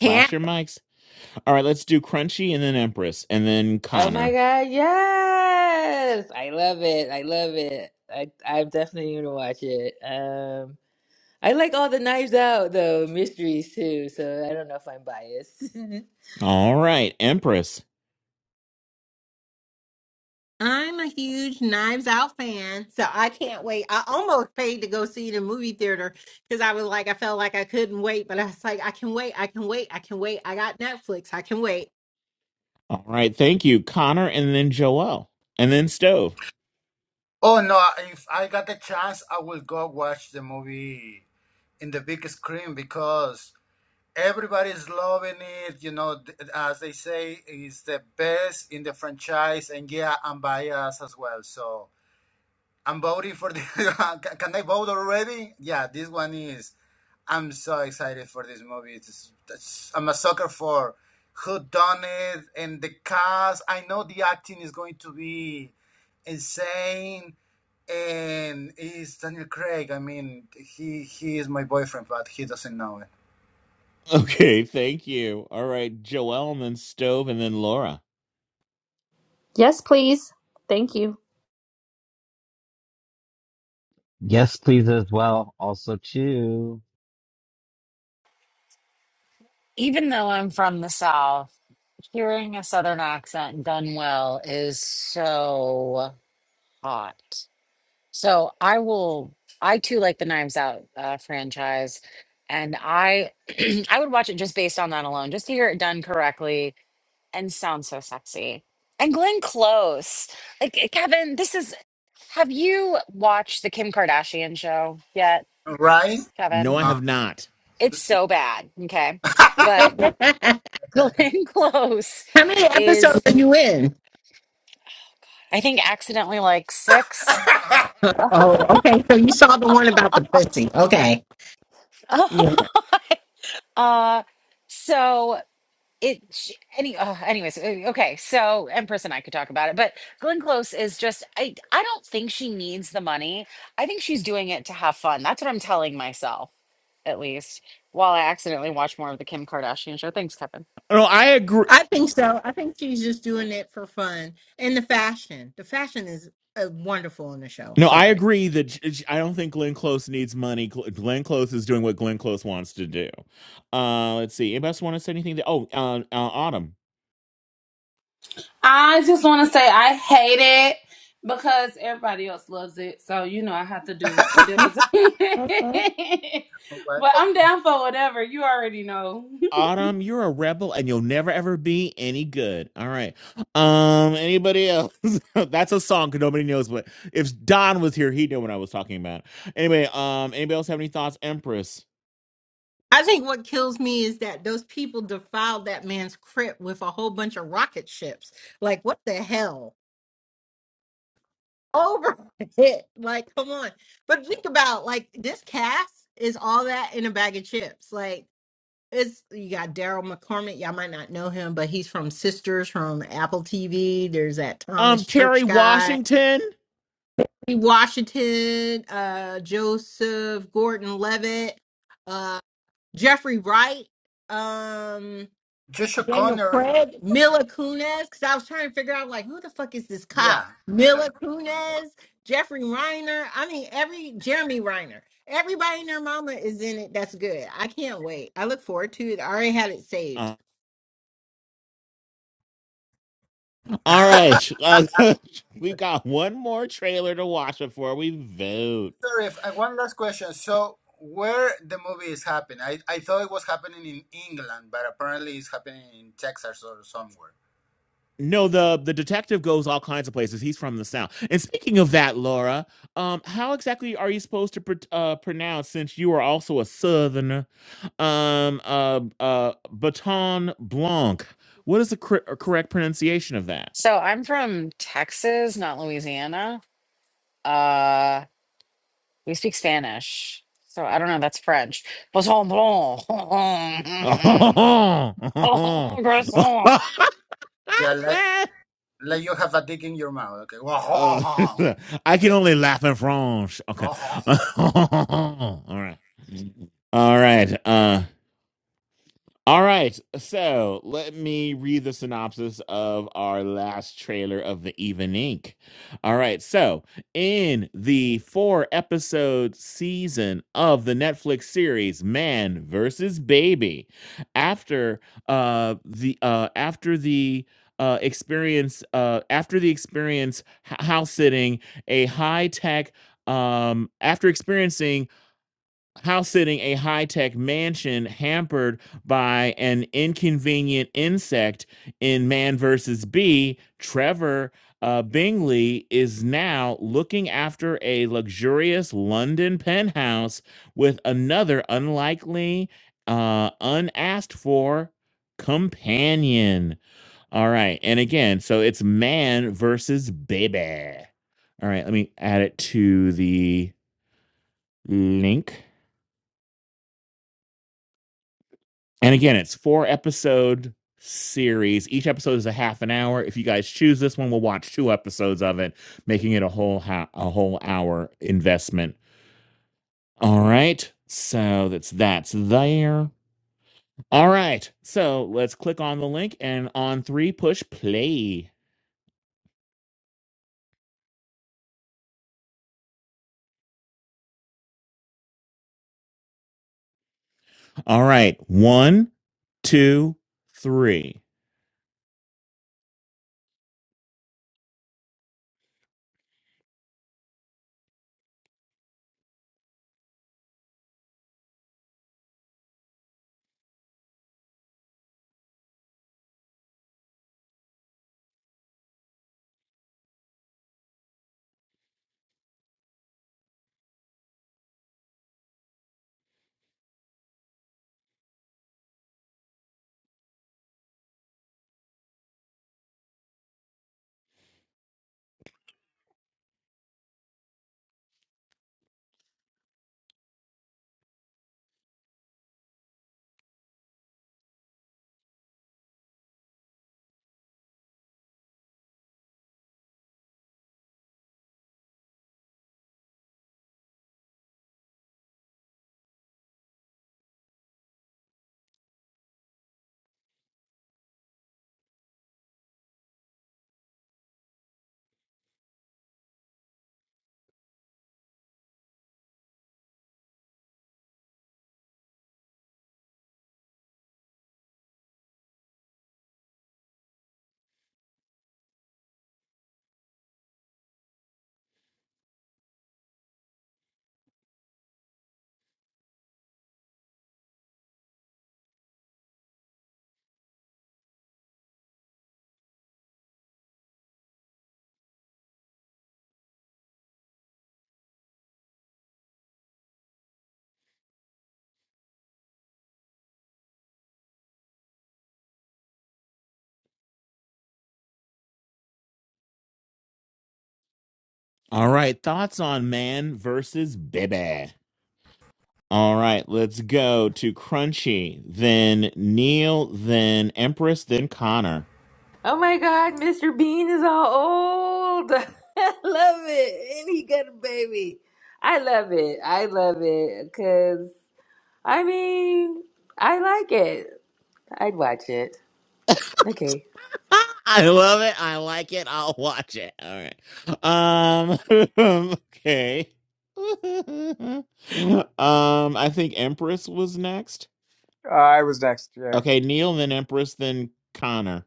Can't your mics. All right, let's do Crunchy and then Empress and then Oh my Connor. God, yes! I love it. I love it. I I'm definitely gonna watch it. Um, I like all the Knives Out though mysteries too, so I don't know if I'm biased. [laughs] All right, Empress. I'm a huge Knives Out fan, so I can't wait. I almost paid to go see it in movie theater because I was like, I felt like I couldn't wait, but I was like, I can wait, I can wait, I can wait. I got Netflix, I can wait. All right, thank you. Connor and then Joelle and then Stove. [laughs] Oh no, if I got the chance, I will go watch the movie in the big screen because everybody's loving it. You know, th- as they say, it's the best in the franchise, and yeah, I'm biased as well. So I'm voting for the. [laughs] can I vote already? Yeah, this one is. I'm so excited for this movie. It's, it's, I'm a sucker for who done it and the cast. I know the acting is going to be insane, and it's Daniel Craig. I mean, he he is my boyfriend, but he doesn't know it, Okay, thank you. All right, Joelle and then Stove and then Laura. Yes, please. Thank you. Yes, please, as well. Also, too. Even though I'm from the South, hearing a Southern accent done well is so hot. So I will, I too like the Knives Out uh, franchise. And I, [clears throat] I would watch it just based on that alone, just to hear it done correctly and sounds so sexy. And Glenn Close. Like eh, Kevin, this is have you watched the Kim Kardashian show yet, right? No, No. Kevin? I have not. It's so bad, okay? [laughs] But How [laughs] Glenn Close many episodes is are you in? I think accidentally like 6. Oh, okay. So you saw the one about the pussy. Okay. Yeah. [laughs] uh so it sh- any uh, anyways uh, okay so empress and i could talk about it but glenn close is just i i don't think she needs the money i think she's doing it to have fun that's what i'm telling myself at least while i accidentally watch more of the kim kardashian show thanks kevin No, I agree. I think so. I think she's just doing it for fun. And the fashion. The fashion is uh, wonderful in the show. No, I Sorry. agree that j- j- I don't think Glenn Close needs money. Gl- Glenn Close is doing what Glenn Close wants to do. Uh, let's see. Anybody else want to say anything? To, oh, uh, uh, Autumn. I just want to say I hate it because everybody else loves it. So, you know, I have to [laughs] do this. [laughs] but Welcome, I'm down for whatever. You already know. [laughs] Autumn, you're a rebel and you'll never ever be any good. All right. Um, anybody else? [laughs] That's a song. Cause nobody knows what if Don was here, he'd know what I was talking about. Anyway, um, anybody else have any thoughts, Empress? I think what kills me is that those people defiled that man's crypt with a whole bunch of rocket ships. Like, what the hell? [laughs] Over it. Like, come on. But think about like this cast is all that in a bag of chips. Like, it's you got Daryl McCormick. Y'all might not know him, but he's from Sisters from Apple TV. There's that Um, Thomas Kerry Church guy, Washington. Lee Washington, uh, Joseph Gordon Levitt, uh, Jeffrey Wright. Um, Josh Daniel O'Connor. Craig, Mila Kunis, because I was trying to figure out like who the fuck is this cop? Yeah, Mila Mila Kunis, Jeffrey Reiner. I mean, every Jeremy Reiner. Everybody and their mama is in it. That's good. I can't wait. I look forward to it. I already had it saved. Uh, all right. Uh, [laughs] we've got one more trailer to watch before we vote. Sorry, if- uh, one last question. So, where the movie is happening? I, I thought it was happening in England, but apparently it's happening in Texas or somewhere. No, the the detective goes all kinds of places. He's from the south. And speaking of that, Laura, um, how exactly are you supposed to pr- uh, pronounce since you are also a southerner? Um, uh, uh, Baton Blanc. What is the cor- uh, correct pronunciation of that? so i'm from texas not louisiana uh we speak spanish so i don't know that's french Poisson blanc. [laughs] [laughs] Croissant. Yeah, like, like you have a dick in your mouth. Okay. Uh, [laughs] [laughs] I can Okay. only laugh in French. Okay. [laughs] [laughs] all right. All right. Uh All right, so let me read the synopsis of our last trailer of the Even Inc. All right, so in the four episode season of the Netflix series Man versus Baby, after uh the uh after the uh, experience uh, after the experience h- house sitting a high tech um, after experiencing house sitting a high tech mansion hampered by an inconvenient insect in Man versus Bee, Trevor uh, Bingley is now looking after a luxurious London penthouse with another unlikely, uh, unasked for companion. All right. And again, so it's man versus baby. All right. Let me add it to the link. And again, it's four episode series. Each episode is a half an hour. If you guys choose this one, we'll watch two episodes of it, making it a whole ha- a whole hour investment. All right. So that's that's there. All right. So let's click on the link and on three, push play. All right. One, two, three. All right. Thoughts on man versus baby. All right, let's go to Crunchy, then Neil, then Empress, then Connor. Oh my God, Mr. Bean is all old. [laughs] I love it. And he got a baby. I love it. I love it. Because, I mean, I like it. I'd watch it. Okay. [laughs] I love it. I like it. I'll watch it. All right. Um [laughs] okay. [laughs] um I think Empress was next. I was next. Yeah. Okay, Neil, then Empress, then Connor.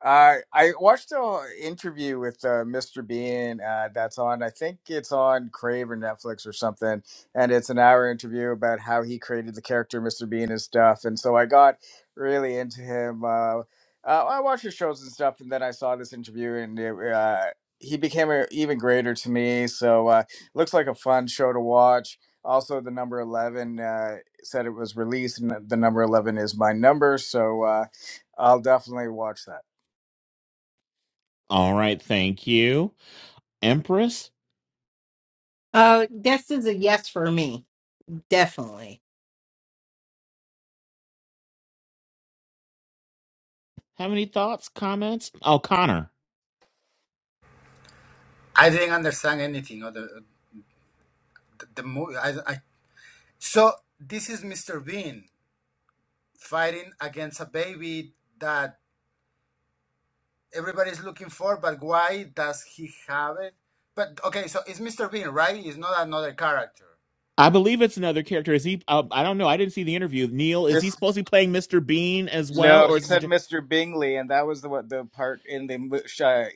Uh, I watched an interview with uh, Mr. Bean uh, that's on, I think it's on Crave or Netflix or something. And it's an hour interview about how he created the character Mr. Bean and stuff. And so I got really into him. Uh, uh, I watched his shows and stuff. And then I saw this interview and it, uh, he became a, even greater to me. So uh, looks like a fun show to watch. Also, the number 11 uh, said it was released, and the number 11 is my number. So uh, I'll definitely watch that. All right, thank you. Empress, Uh, this is a yes for me, definitely. have any thoughts, comments? Oh, Connor. I didn't understand anything of the, the, the movie. I, I, so, this is Mr. Bean fighting against a baby that everybody's looking for, but why does he have it? But okay, so it's Mr. Bean, right? It's not another character. I believe it's another character. Is he? Uh, I don't know. I didn't see the interview. Neil, is he Miss, supposed to be playing Mr. Bean as well, no, or he is it? A, said di- Mr. Bingley, and that was the what the part in the mo- shy-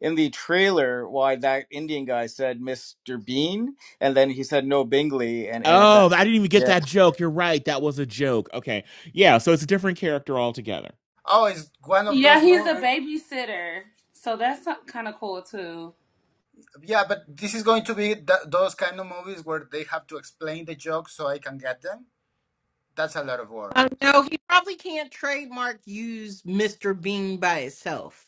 in the trailer why that Indian guy said Mr. Bean, and then he said no Bingley, and and that oh, I didn't even get yeah that joke. You're right. That was a joke. Okay, yeah. So it's a different character altogether. Oh, it's one of Yeah, those he's a movies. babysitter. So that's kind of cool too. Yeah, but this is going to be th- those kind of movies where they have to explain the jokes so I can get them. That's a lot of work. Uh, So, no, he probably can't trademark use Mr. Bean by itself.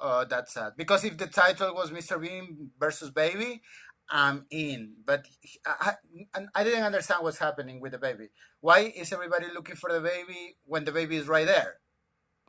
oh, that's sad. Because if the title was Mr. Bean versus Baby, I'm in. But he- I, I, I didn't understand what's happening with the baby. Why is everybody looking for the baby when the baby is right there?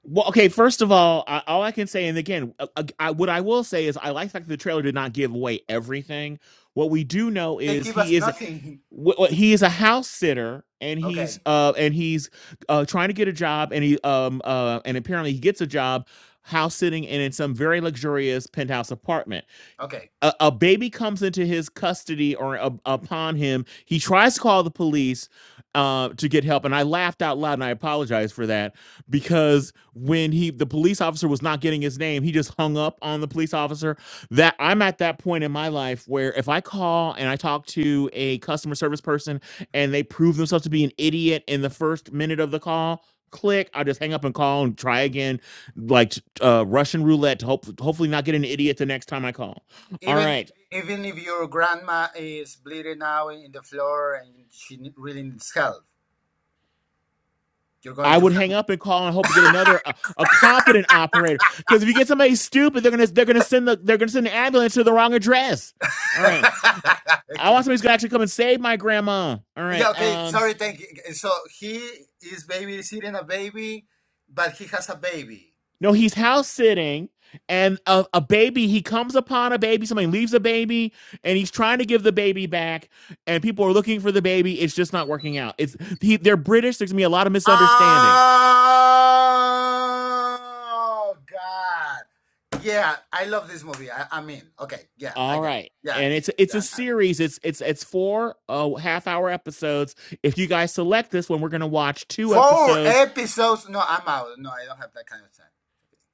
Well, okay. First of all, I, all I can say, and again, uh, uh, I, what I will say is, I like the fact that the trailer did not give away everything. What we do know They is give us he is. nothing. wh- wh- he is a house sitter and [laughs] he's okay, uh and he's uh trying to get a job and he um uh and apparently he gets a job house sitting and in some very luxurious penthouse apartment okay. a, a baby comes into his custody or up- upon him. He tries to call the police uh, to get help, and I laughed out loud, and I apologize for that because when he the police officer was not getting his name, he just hung up on the police officer. That I'm at that point in my life where if I call and I talk to a customer service person and they prove themselves to be an idiot in the first minute of the call. Click. I just hang up and call and try again, like uh, Russian roulette. To hope, hopefully, not get an idiot the next time I call. All Even right. even if your grandma is bleeding out in the floor and she really needs help You're going I to would hang have. up and call and hope to get another a, a competent operator. Because if you get somebody stupid, they're gonna they're gonna send the they're gonna send the ambulance to the wrong address. All right. [laughs] I okay. want somebody who's gonna actually come and save my grandma. All Yeah, right. okay. Um. Sorry, thank you. So he is babysitting a baby, but he has a baby. No, he's house sitting, and a, a baby. He comes upon a baby. Somebody leaves a baby, and he's trying to give the baby back, and people are looking for the baby. It's just not working out. It's he, they're British. There's gonna be a lot of misunderstandings. Oh, God. Yeah, I love this movie. I, I mean, okay. Yeah, I All got it. right. Yeah. And it's it's a series. It's it's it's four uh, half hour episodes. If you guys select this one, we're gonna watch two Four episodes. episodes. No, I'm out. No, I don't have that kind of time.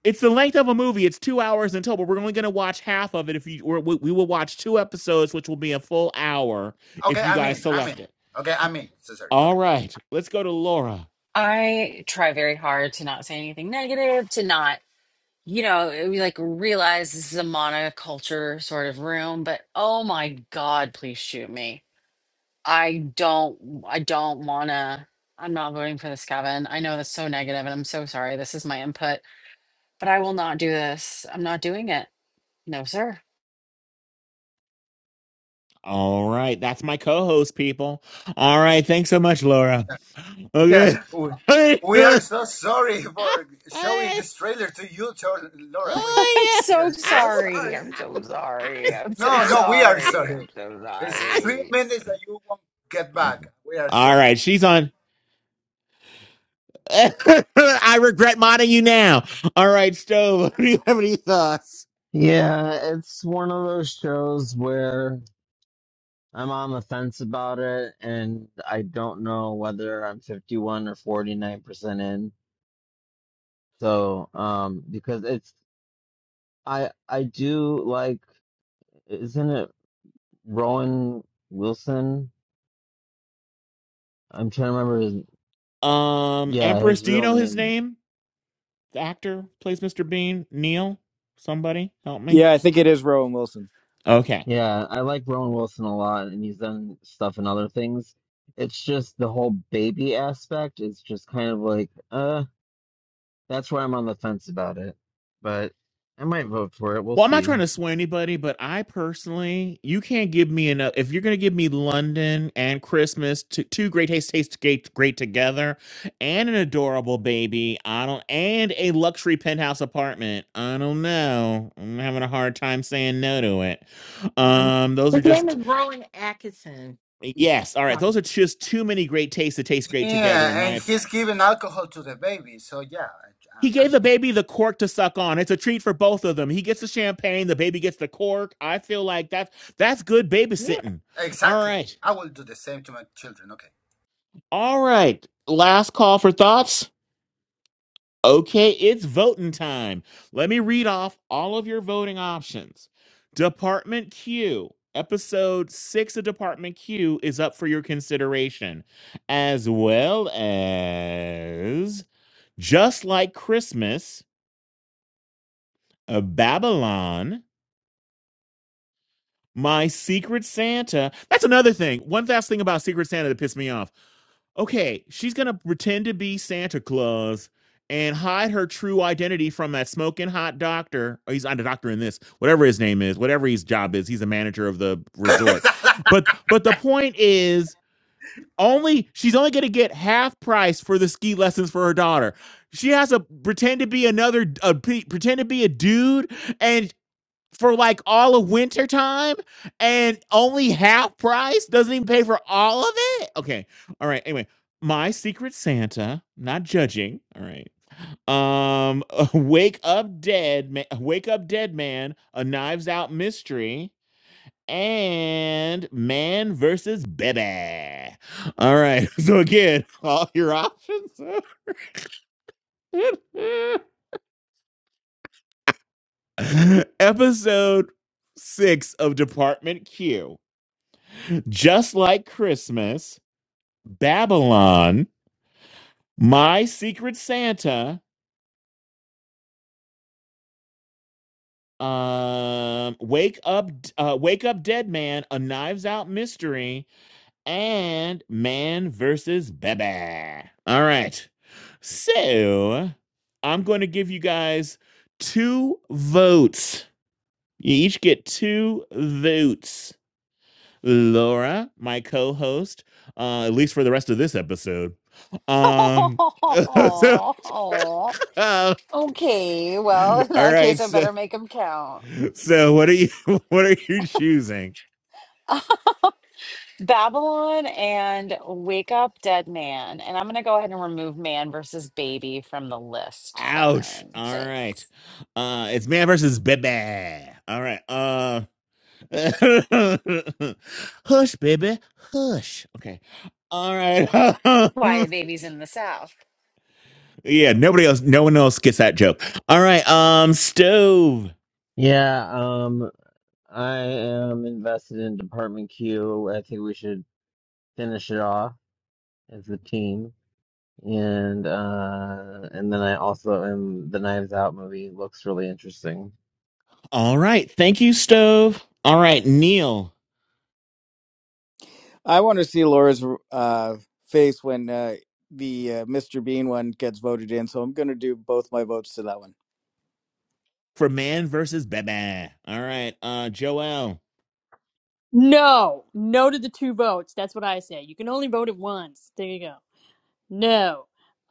It's the length of a movie. It's two hours in total, but we're only gonna watch half of it. If you or we, we will watch two episodes, which will be a full hour if Okay, you i mean. guys i mean. select it. Okay, i mean. in. So sorry. Okay. All right. Let's go to Laura. i try very hard to not say anything negative to not you know, it- we like realize this is a monoculture sort of room, but oh my God, please shoot me. I don't, I don't wanna, I'm not voting for this, Kevin. I know that's so negative and I'm so sorry. This is my input, but I will not do this. I'm not doing it. No, sir. All right. That's my co-host, people. All right. Thanks so much, Laura. Okay. Yeah, we, we are so sorry for [laughs] showing [laughs] this trailer to you, Tor- Laura. Wait, [laughs] I'm Oh yeah. we so are so sorry. sorry. I'm so sorry. I'm so No, no, we are sorry. I'm sorry. so It's [laughs] three sorry. minutes that you won't get back. We are All so right, she's on. [laughs] I regret modding you now. All right, Stove, [laughs] do you have any thoughts? Yeah, it's one of those shows where I'm on the fence about it, and I don't know whether I'm 51 or 49 percent in. So, um, because it's I I do like, isn't it Rowan Wilson? I'm trying to remember his Um, yeah Empress, his do you real know his name. name? The actor plays Mr. Bean. Neil. Somebody help me. yeah I think it is Rowan Wilson. Okay. Yeah, I like Rowan Wilson a lot, and he's done stuff and other things. It's just the whole baby aspect is just kind of like, uh, that's why I'm on the fence about it. But I might vote for it. We'll Well, I'm not see. trying to sway anybody, but I personally, you can't give me enough. If you're going to give me London and Christmas, two, two great taste, taste great, great together, and an adorable baby, I don't, and a luxury penthouse apartment, I don't know. I'm having a hard time saying no to it. Um, Um, those are his name is just Rowan Atkinson. yes. All right, those are just too many great tastes that taste great together, in yeah, my and opinion. he's giving alcohol to the baby. So yeah, He I, I gave the mean baby the cork to suck on. It's a treat for both of them. He gets the champagne, the baby gets the cork. I feel like that's that's good Yeah. babysitting. All exactly. right. I will do the same to my children. Okay. All right. Last call for thoughts. Okay, it's voting time. Let me read off all of your voting options. Department Q, episode 6 of Department Q is up for your consideration, as well as Just Like Christmas, uh, Babylon, My Secret Santa. That's another thing. One last thing about Secret Santa that pissed me off. Okay, she's going to pretend to be Santa Claus and hide her true identity from that smoking hot doctor. Or he's not a doctor in this, whatever his name is, whatever his job is. He's a manager of the resort. But but the point is only she's only going to get half price for the ski lessons for her daughter. She has to pretend to be another uh, p- pretend to be a dude and for like all of winter time and only half price doesn't even pay for all of it okay all right anyway my secret santa not judging all right um [laughs] wake up dead man wake up dead man a knives out mystery and man versus baby all right [laughs] so again all your options [laughs] episode six of department q Just like Christmas, Babylon, My Secret Santa, um, Wake Up, uh, Wake Up Dead Man, A Knives Out Mystery, and Man versus Baby. All right. So I'm going to give you guys two votes. You each get two votes. Laura, my co-host, uh, at least for the rest of this episode. Um, [laughs] so. [laughs] Oh, okay, well, in all that case, right. I So, better make them count. so what are you? [laughs] What are you choosing? Babylon and Wake Up Dead Man. And I'm going to go ahead and remove man versus baby from the list, Ouch. Kevin. All Say, right. Uh, it's man versus baby. All right. Uh, [laughs] hush, baby, hush. Okay. All right. [laughs] Quiet Babies in the South. yeah. Nobody else. No one else gets that joke. All right. Um, stove. Yeah, um, I am invested in Department Q. I think we should finish it off as a team. And uh and then I also am the Knives Out movie looks really interesting. All right. Thank you, stove. All right, Neil I want to see Laura's uh, face when uh, the uh, Mr. Bean one gets voted in, so I'm going to do both my votes to that one. for man versus baby. All right. Uh, Joel. No, no to the two votes. That's what I say. You can only vote at once. There you go. No.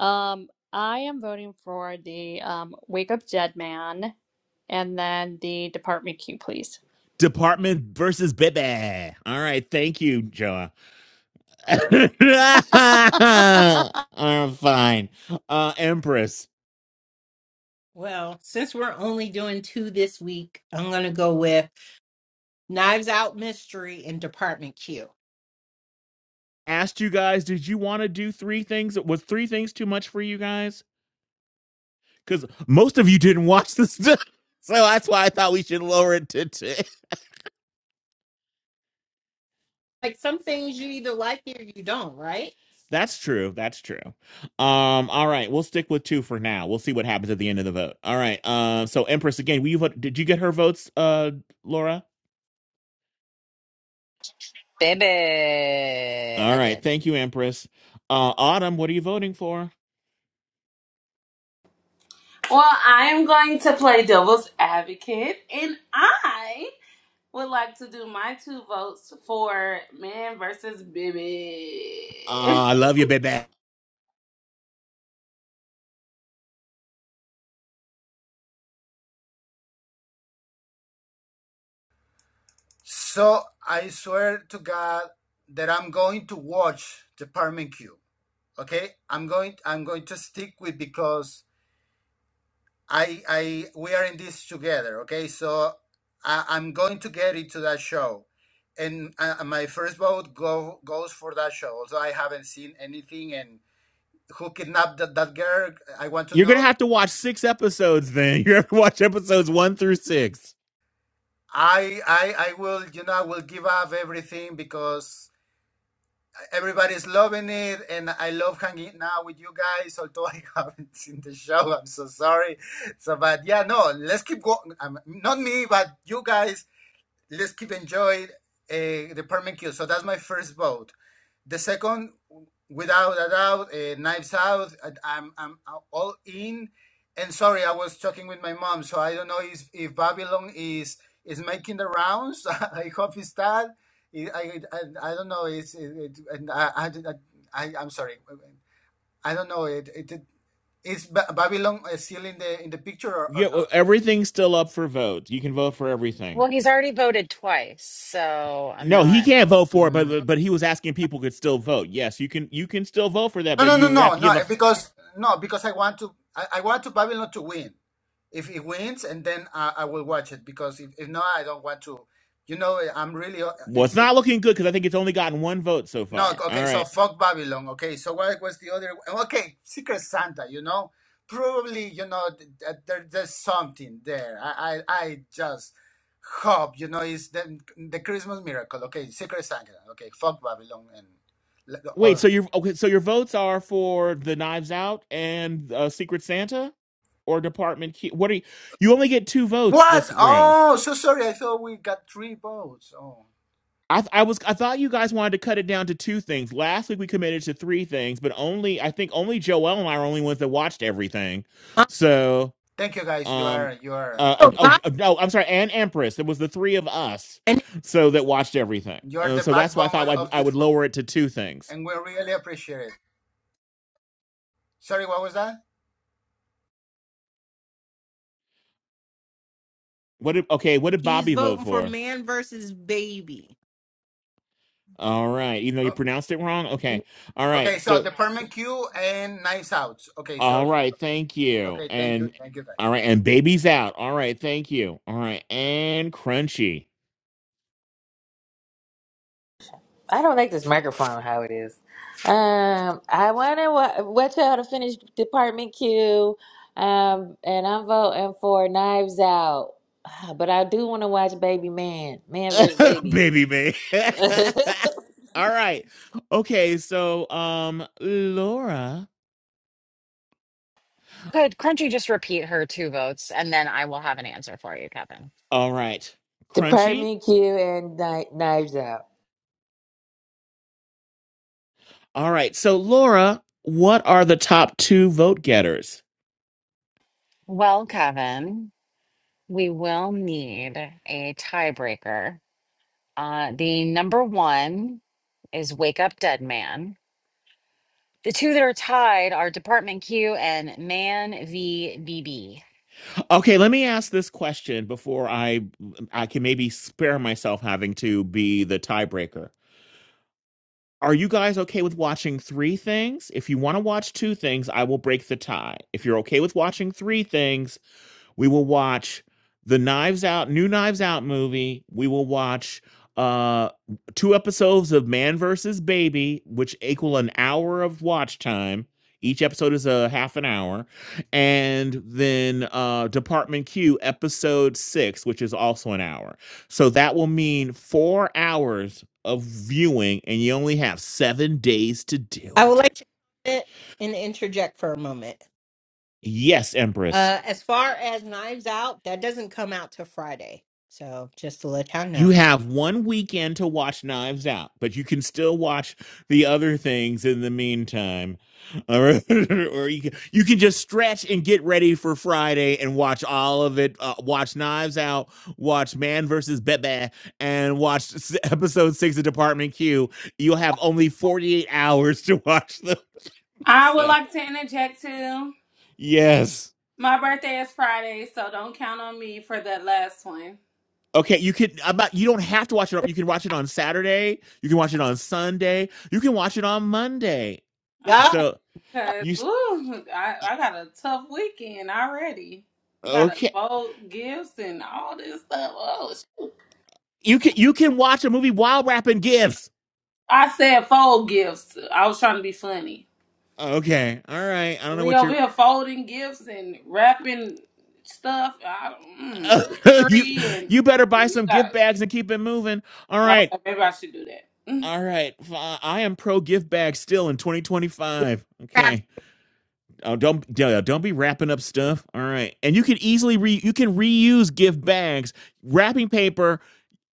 Um, I am voting for the um, Wake Up Dead Man and then the Department Q, please. Department versus Bebe. All right, thank you, Joa. [laughs] [laughs] I'm fine. Uh, Empress Well, since we're only doing two this week, I'm going to go with Knives Out Mystery and Department Q. asked you guys, did you want to do three things? Was three things too much for you guys? Because most of you didn't watch this, [laughs] so that's why I thought we should lower it to two. [laughs] Like some things you either like it or you don't, right? That's true. That's true. Um, all right, we'll stick with two for now. We'll see what happens at the end of the vote. All right. Um, so Empress again, we did you get her votes, uh, Laura? Baby. All I right. did. Thank you, Empress. Uh, Autumn, what are you voting for? Well, I am going to play devil's advocate and I would like to do my two votes for man versus baby. [laughs] Ah, I love you, baby. [laughs] so I swear to God that I'm going to watch the Department Q. Okay, I'm going. I'm going to stick with because I I we are in this together, okay? So I, I'm going to get it to that show, and uh, my first vote go goes for that show. Also, I haven't seen anything, and who kidnapped that, that girl? I want to You're gonna know. have to watch six episodes then. [laughs] You're gonna have to watch episodes one through six. I I I will you know I will give up everything because everybody's loving it, and I love hanging out with you guys. Although I [laughs] haven't seen the show, I'm so sorry. So, but yeah, no, let's keep going. Um, not me, but you guys let's keep enjoying uh, the Department Kill. So that's my first vote. The second, without a doubt, uh, Knives Out. I, am I'm all in. And sorry, I was talking with my mom, so I don't know if, if Babylon is is making the rounds. [laughs] I hope it's that. I, I, I I don't know. It's it, it, I, I, I I'm sorry. I don't know. It it, it is Ba- Babylon uh, still in the in the picture or, or Yeah, well, not? everything's still up for vote. You can vote for everything. Well, he's already voted twice, so I'm No, he not. can't vote for it, Mm. but but he was asking if people could still vote. Yes, you can you can still vote for that, No, but no, no, you have no, to no. give up. Because no, because I want to. I, I want to Babylon to win. If it wins, and then I, I will watch it. Because if, if not, I don't want to. You know, I'm really uh, Well, it's into. not looking good because I think it's only gotten one vote so No, far. All okay. So right. fuck Babylon. Okay. So what was the other? Okay, Secret Santa. You know, probably you know th- th- there, there's something there. I, I I just hope you know it's the the Christmas miracle. Okay, Secret Santa. Okay, fuck Babylon and. Wait, Or, so your okay, so your votes are for the Knives Out and uh, Secret Santa, or Department Key? What are you? You only get two votes this What? round. Oh, so sorry. I thought we got three votes. Oh, I th- I was I thought you guys wanted to cut it down to two things. Last week we committed to three things, but only I think only Joel and I are only ones that watched everything. Um, So thank you guys. You um are you are uh uh, so oh Bob, uh, no I'm sorry and Empress. It was the three of us and so that watched everything. you are Uh, the so that's why I backbone thought of, I'd, of I this would room, lower it to two things. and we really appreciate it. Sorry, what was that? What did okay? What did he's Bobby vote voting for for? Man versus Baby. All right. Even though you Oh, pronounced it wrong? Okay. All okay, right. so So, the permanent queue and nice outs. Okay, so all right. Thank you. okay, thank you, And, thank you guys. all right. And baby's out. All right. Thank you. All right. And crunchy. I don't like this microphone, how it is. Um, I want to wa- watch out to finish Department Q. Um, and I'm voting for Knives Out. [sighs] But I do want to watch Baby Man, Man vs. [laughs] Baby. Baby, baby. [laughs] [laughs] all right. Okay. So, um, Laura. Could Crunchy just repeat her two votes and then I will have an answer for you, Kevin? All right. Crunchy. Department Q and Kni- Knives Out. All right. So, Laura, what are the top two vote getters? Well, Kevin, we will need a tiebreaker. Uh, the number one is Wake Up Dead Man. The two that are tied are Department Q and Man v. BB. Okay. Let me ask this question before I, I can maybe spare myself having to be the tiebreaker. Are you guys okay with watching three things? If you want to watch two things, I will break the tie. If you're okay with watching three things, we will watch the Knives Out, new Knives Out movie. We will watch uh two episodes of Man versus Baby, which equal an hour of watch time. Each episode is a half an hour, and then uh, Department Q episode six, which is also an hour. So that will mean four hours of viewing, and you only have seven days to do I would it. like to comment and interject for a moment. Yes, Empress. Uh, as far as Knives Out, that doesn't come out till Friday. So just to let y'all you know. have one weekend to watch Knives Out, but you can still watch the other things in the meantime. Or, [laughs] or you can, you can just stretch and get ready for Friday and watch all of it. Uh, watch Knives Out, watch Man versus Bebe, and watch s- episode six of Department Q. You'll have only 48 hours to watch those. I would [laughs] like to interject too. Yes. My birthday is Friday, so don't count on me for that last one. Okay, you could about you don't have to watch it. You can watch it on Saturday. You can watch it on Sunday. You can watch it on Monday. Yup. Okay, So cause you ooh, I, I got a tough weekend already. Got to okay? fold gifts and all this stuff. Oh, sh- You can you can watch a movie while wrapping gifts. I said fold gifts. I was trying to be funny. Okay, all right. I don't know We what over you're. here folding gifts and wrapping stuff. I, mm, the [laughs] you tree and you better buy we some gift got. bags and keep it moving. All right, Okay, maybe I should do that. all right. fi- I am pro gift bag still in Yeah. 2025. Grab Okay. Oh, don't don't don't be wrapping up stuff. All right, and you can easily re you can reuse gift bags, wrapping paper.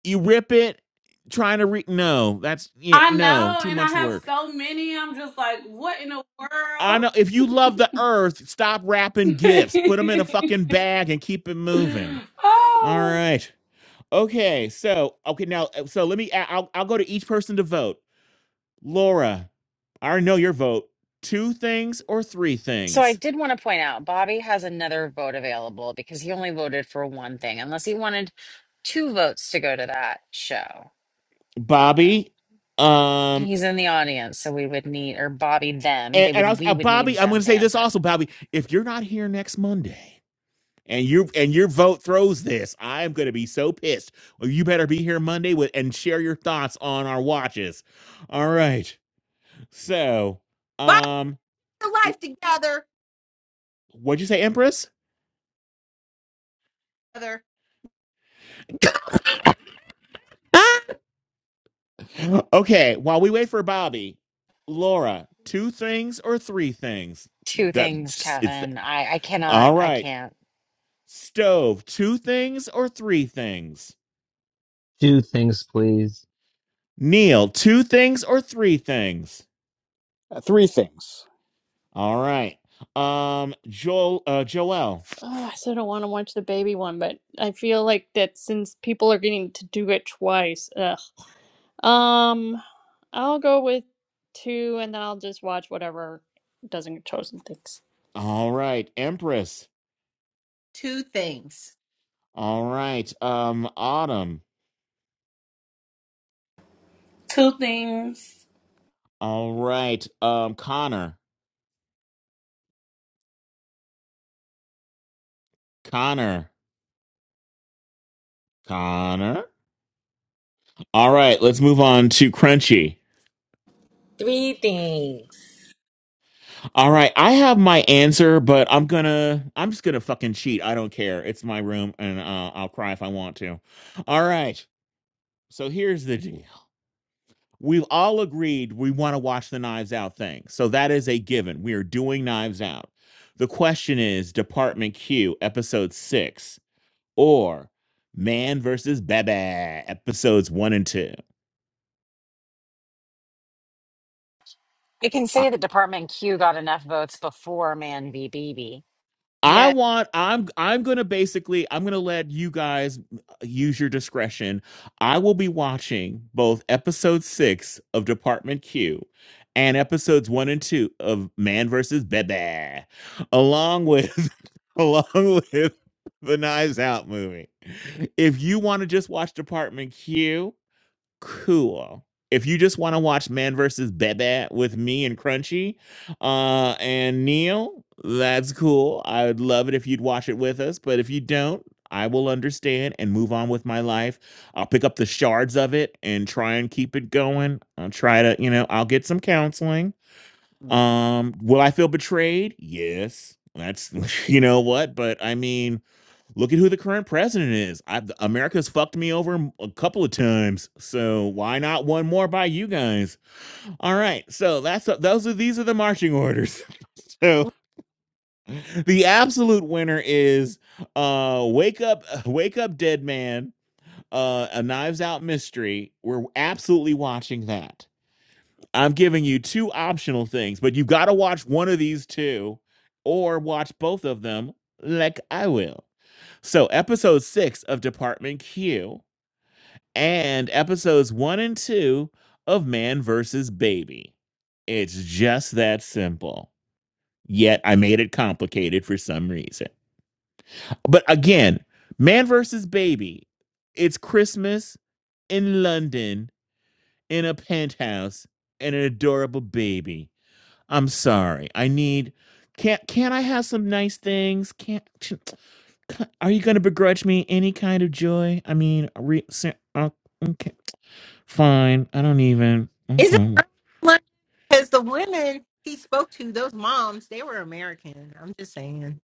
You rip it, trying to re no. That's yeah I no know, too and I much have work. so many. I'm just like, what in the I world? know if you love the earth, stop wrapping gifts. Put them in a fucking bag and keep it moving. [laughs] All oh, right. Okay. So okay now. uh, So let me. I- will I'll go to each person to vote. Laura, I already know your vote. Two things or three So I things. did want to point out Bobby has another vote available because he only voted for one thing, unless he wanted two votes to go to that show. Uh, Bobby, um, He's in the audience, so we would need or Bobby them. and, They and I would was, we uh, would Bobby, need I'm going them to to say this answer also, Bobby. If you're not here next Monday. and your and your vote throws this, I am going to be so pissed. Well, you better be here Monday with and share your thoughts on our watches. All right. So, Bobby, um, your life l- together. what'd you say, Empress? Other Ah! [gasps] Okay. While we wait for Bobby, Laura, two things or three things? two That things, it's Kevin. I I cannot. all I right. can't. Stove, two things or three things? Two things, please. Neil, two things or three things? Uh, three things. All right. Um, Joel, uh, Joel. Oh, I still don't want to watch the baby one, but I feel like that since people are getting to do it twice, ugh. Um, I'll go with two, and then I'll just watch whatever doesn't get chosen. Thanks. All right, Empress. two things. All right, um, Autumn. two things. All right, um, Connor. Connor. Connor. All right, let's move on to Crunchy. Three things. All right, I have my answer, but I'm gonna, I'm just gonna fucking cheat. I don't care. It's my room, and uh, I'll cry if I want to. All right. So here's the deal. We've all agreed we want to watch the Knives Out thing. So that is a given. We are doing Knives Out. The question is Department Q, episode six. or Man versus Baby episodes one and two. It can I, say that Department Q got enough votes before Man v. BB. I Yes. want I'm I'm gonna basically I'm gonna let you guys uh, use your discretion. I will be watching both episode six of Department Q and episodes one and two of Man versus Baby, along with [laughs] along with the Knives Out movie. If you want to just watch Department Q cool. If you just want to watch Man versus Bebe with me and Crunchy uh, and Neil, that's cool. I would love it if you'd watch it with us. But if you don't, I will understand and move on with my life. I'll pick up the shards of it and try and keep it going. I'll try to, you know, I'll get some counseling. Um, will I feel betrayed? Yes. That's [laughs] you know what, but I mean, Look at who the current president is. I, America's fucked me over a couple of times, so why not one more by you guys? All right, so that's those are these are the marching orders. [laughs] so the absolute winner is uh, wake up, [laughs] wake up, dead man. Uh, a Knives Out mystery. We're absolutely watching that. I'm giving you two optional things, but you've got to watch one of these two, or watch both of them, like I will. So, episode six of Department Q. and episodes one and two of Man versus Baby. It's just that simple. Yet I made it complicated for some reason. But again, Man versus Baby, it's Christmas in London in a penthouse and an adorable baby. I'm sorry. I need can't can't I have some nice things? Can't [tsk] are you going to begrudge me any kind of joy? I mean, re, ser- uh, okay. Fine. I don't even. Is it Okay. early in London? Because the women he spoke to, those moms, they were American. I'm just saying.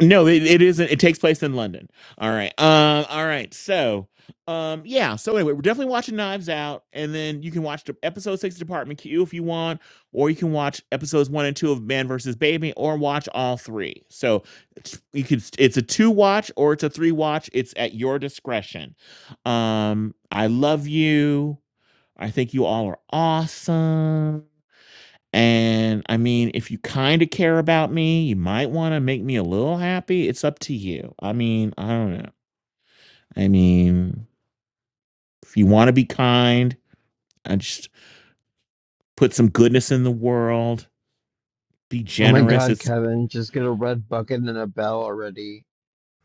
No, it, it isn't. It takes place in London. All right. Um. All right. So, um. Yeah. So anyway, we're definitely watching Knives Out, and then you can watch the episode six of Department Q if you want, or you can watch episodes one and two of Man versus Baby, or watch all three. So it's- you could. It's a two watch or it's a three watch. It's at your discretion. Um. I love you. I think you all are awesome. And, I mean, if you kinda care about me, you might wanna make me a little happy, it's up to you. I mean, I don't know. I mean, if you wanna be kind and just put some goodness in the world, be Oh my generous, God, it's Kevin, just get a red bucket and a bell already.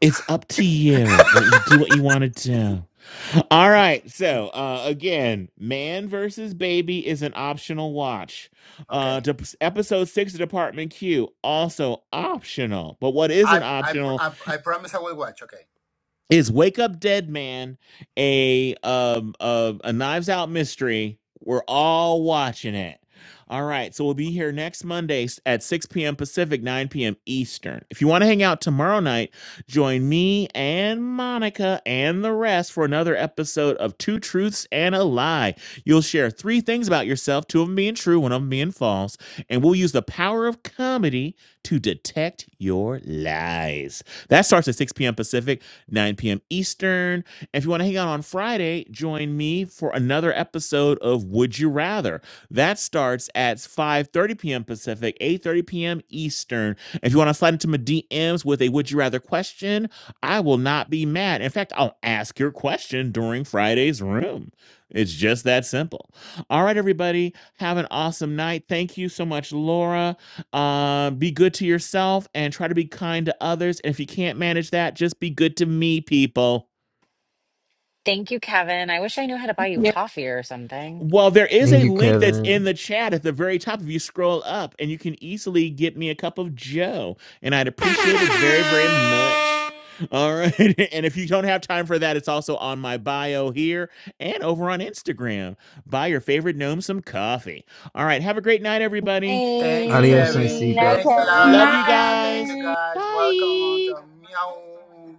it's up to you what you do what you wanna do. All right, so, uh, again, Man versus Baby is an optional watch. Uh, Okay, dep episode 6 of Department Q, also optional. But what I isn't I pr- optional I, I promise I will watch. Okay, is Wake Up Dead Man a um a, a Knives Out mystery? We're all watching it. All right, so we'll be here next Monday s- at 6 p.m. Pacific, 9 p.m. Eastern. If you want to hang out tomorrow night, join me and Monica and the rest for another episode of Two Truths and a Lie. You'll share three things about yourself, two of them being true, one of them being false, and we'll use the power of comedy to detect your lies. That starts at 6 p.m. Pacific. 9 p.m. Eastern. And if you want to hang out on Friday, join me for another episode of Would You Rather. That starts at 5:30 p.m. Pacific, 8:30 p.m. Eastern. If you want to slide into my DMs with a Would You Rather question, I will not be mad. In fact, I'll ask your question during Friday's room. It's just that simple. All right, everybody, have an awesome night. Thank you so much, Laura. Uh, be good to yourself and try to be kind to others. And if you can't manage that, just be good to me, people. Thank you, Kevin. I wish I knew how to buy you Yeah. coffee or something. Well, there is Thank a you, link that's Kevin. in the chat at the very top. If you scroll up, and you can easily get me a cup of Joe, and I'd appreciate it very, very much. [laughs] All right. [laughs] And if you don't have time for that, it's also on my bio here and over on Instagram. Buy your favorite gnome some coffee. All right. Have a great night, everybody. thank you, Adios, Kevin. Nisico. Hey. Night, Thank you, Kevin. Love you Lara. Thank you, guys. Nice. guys. Welcome Bye. to Meow.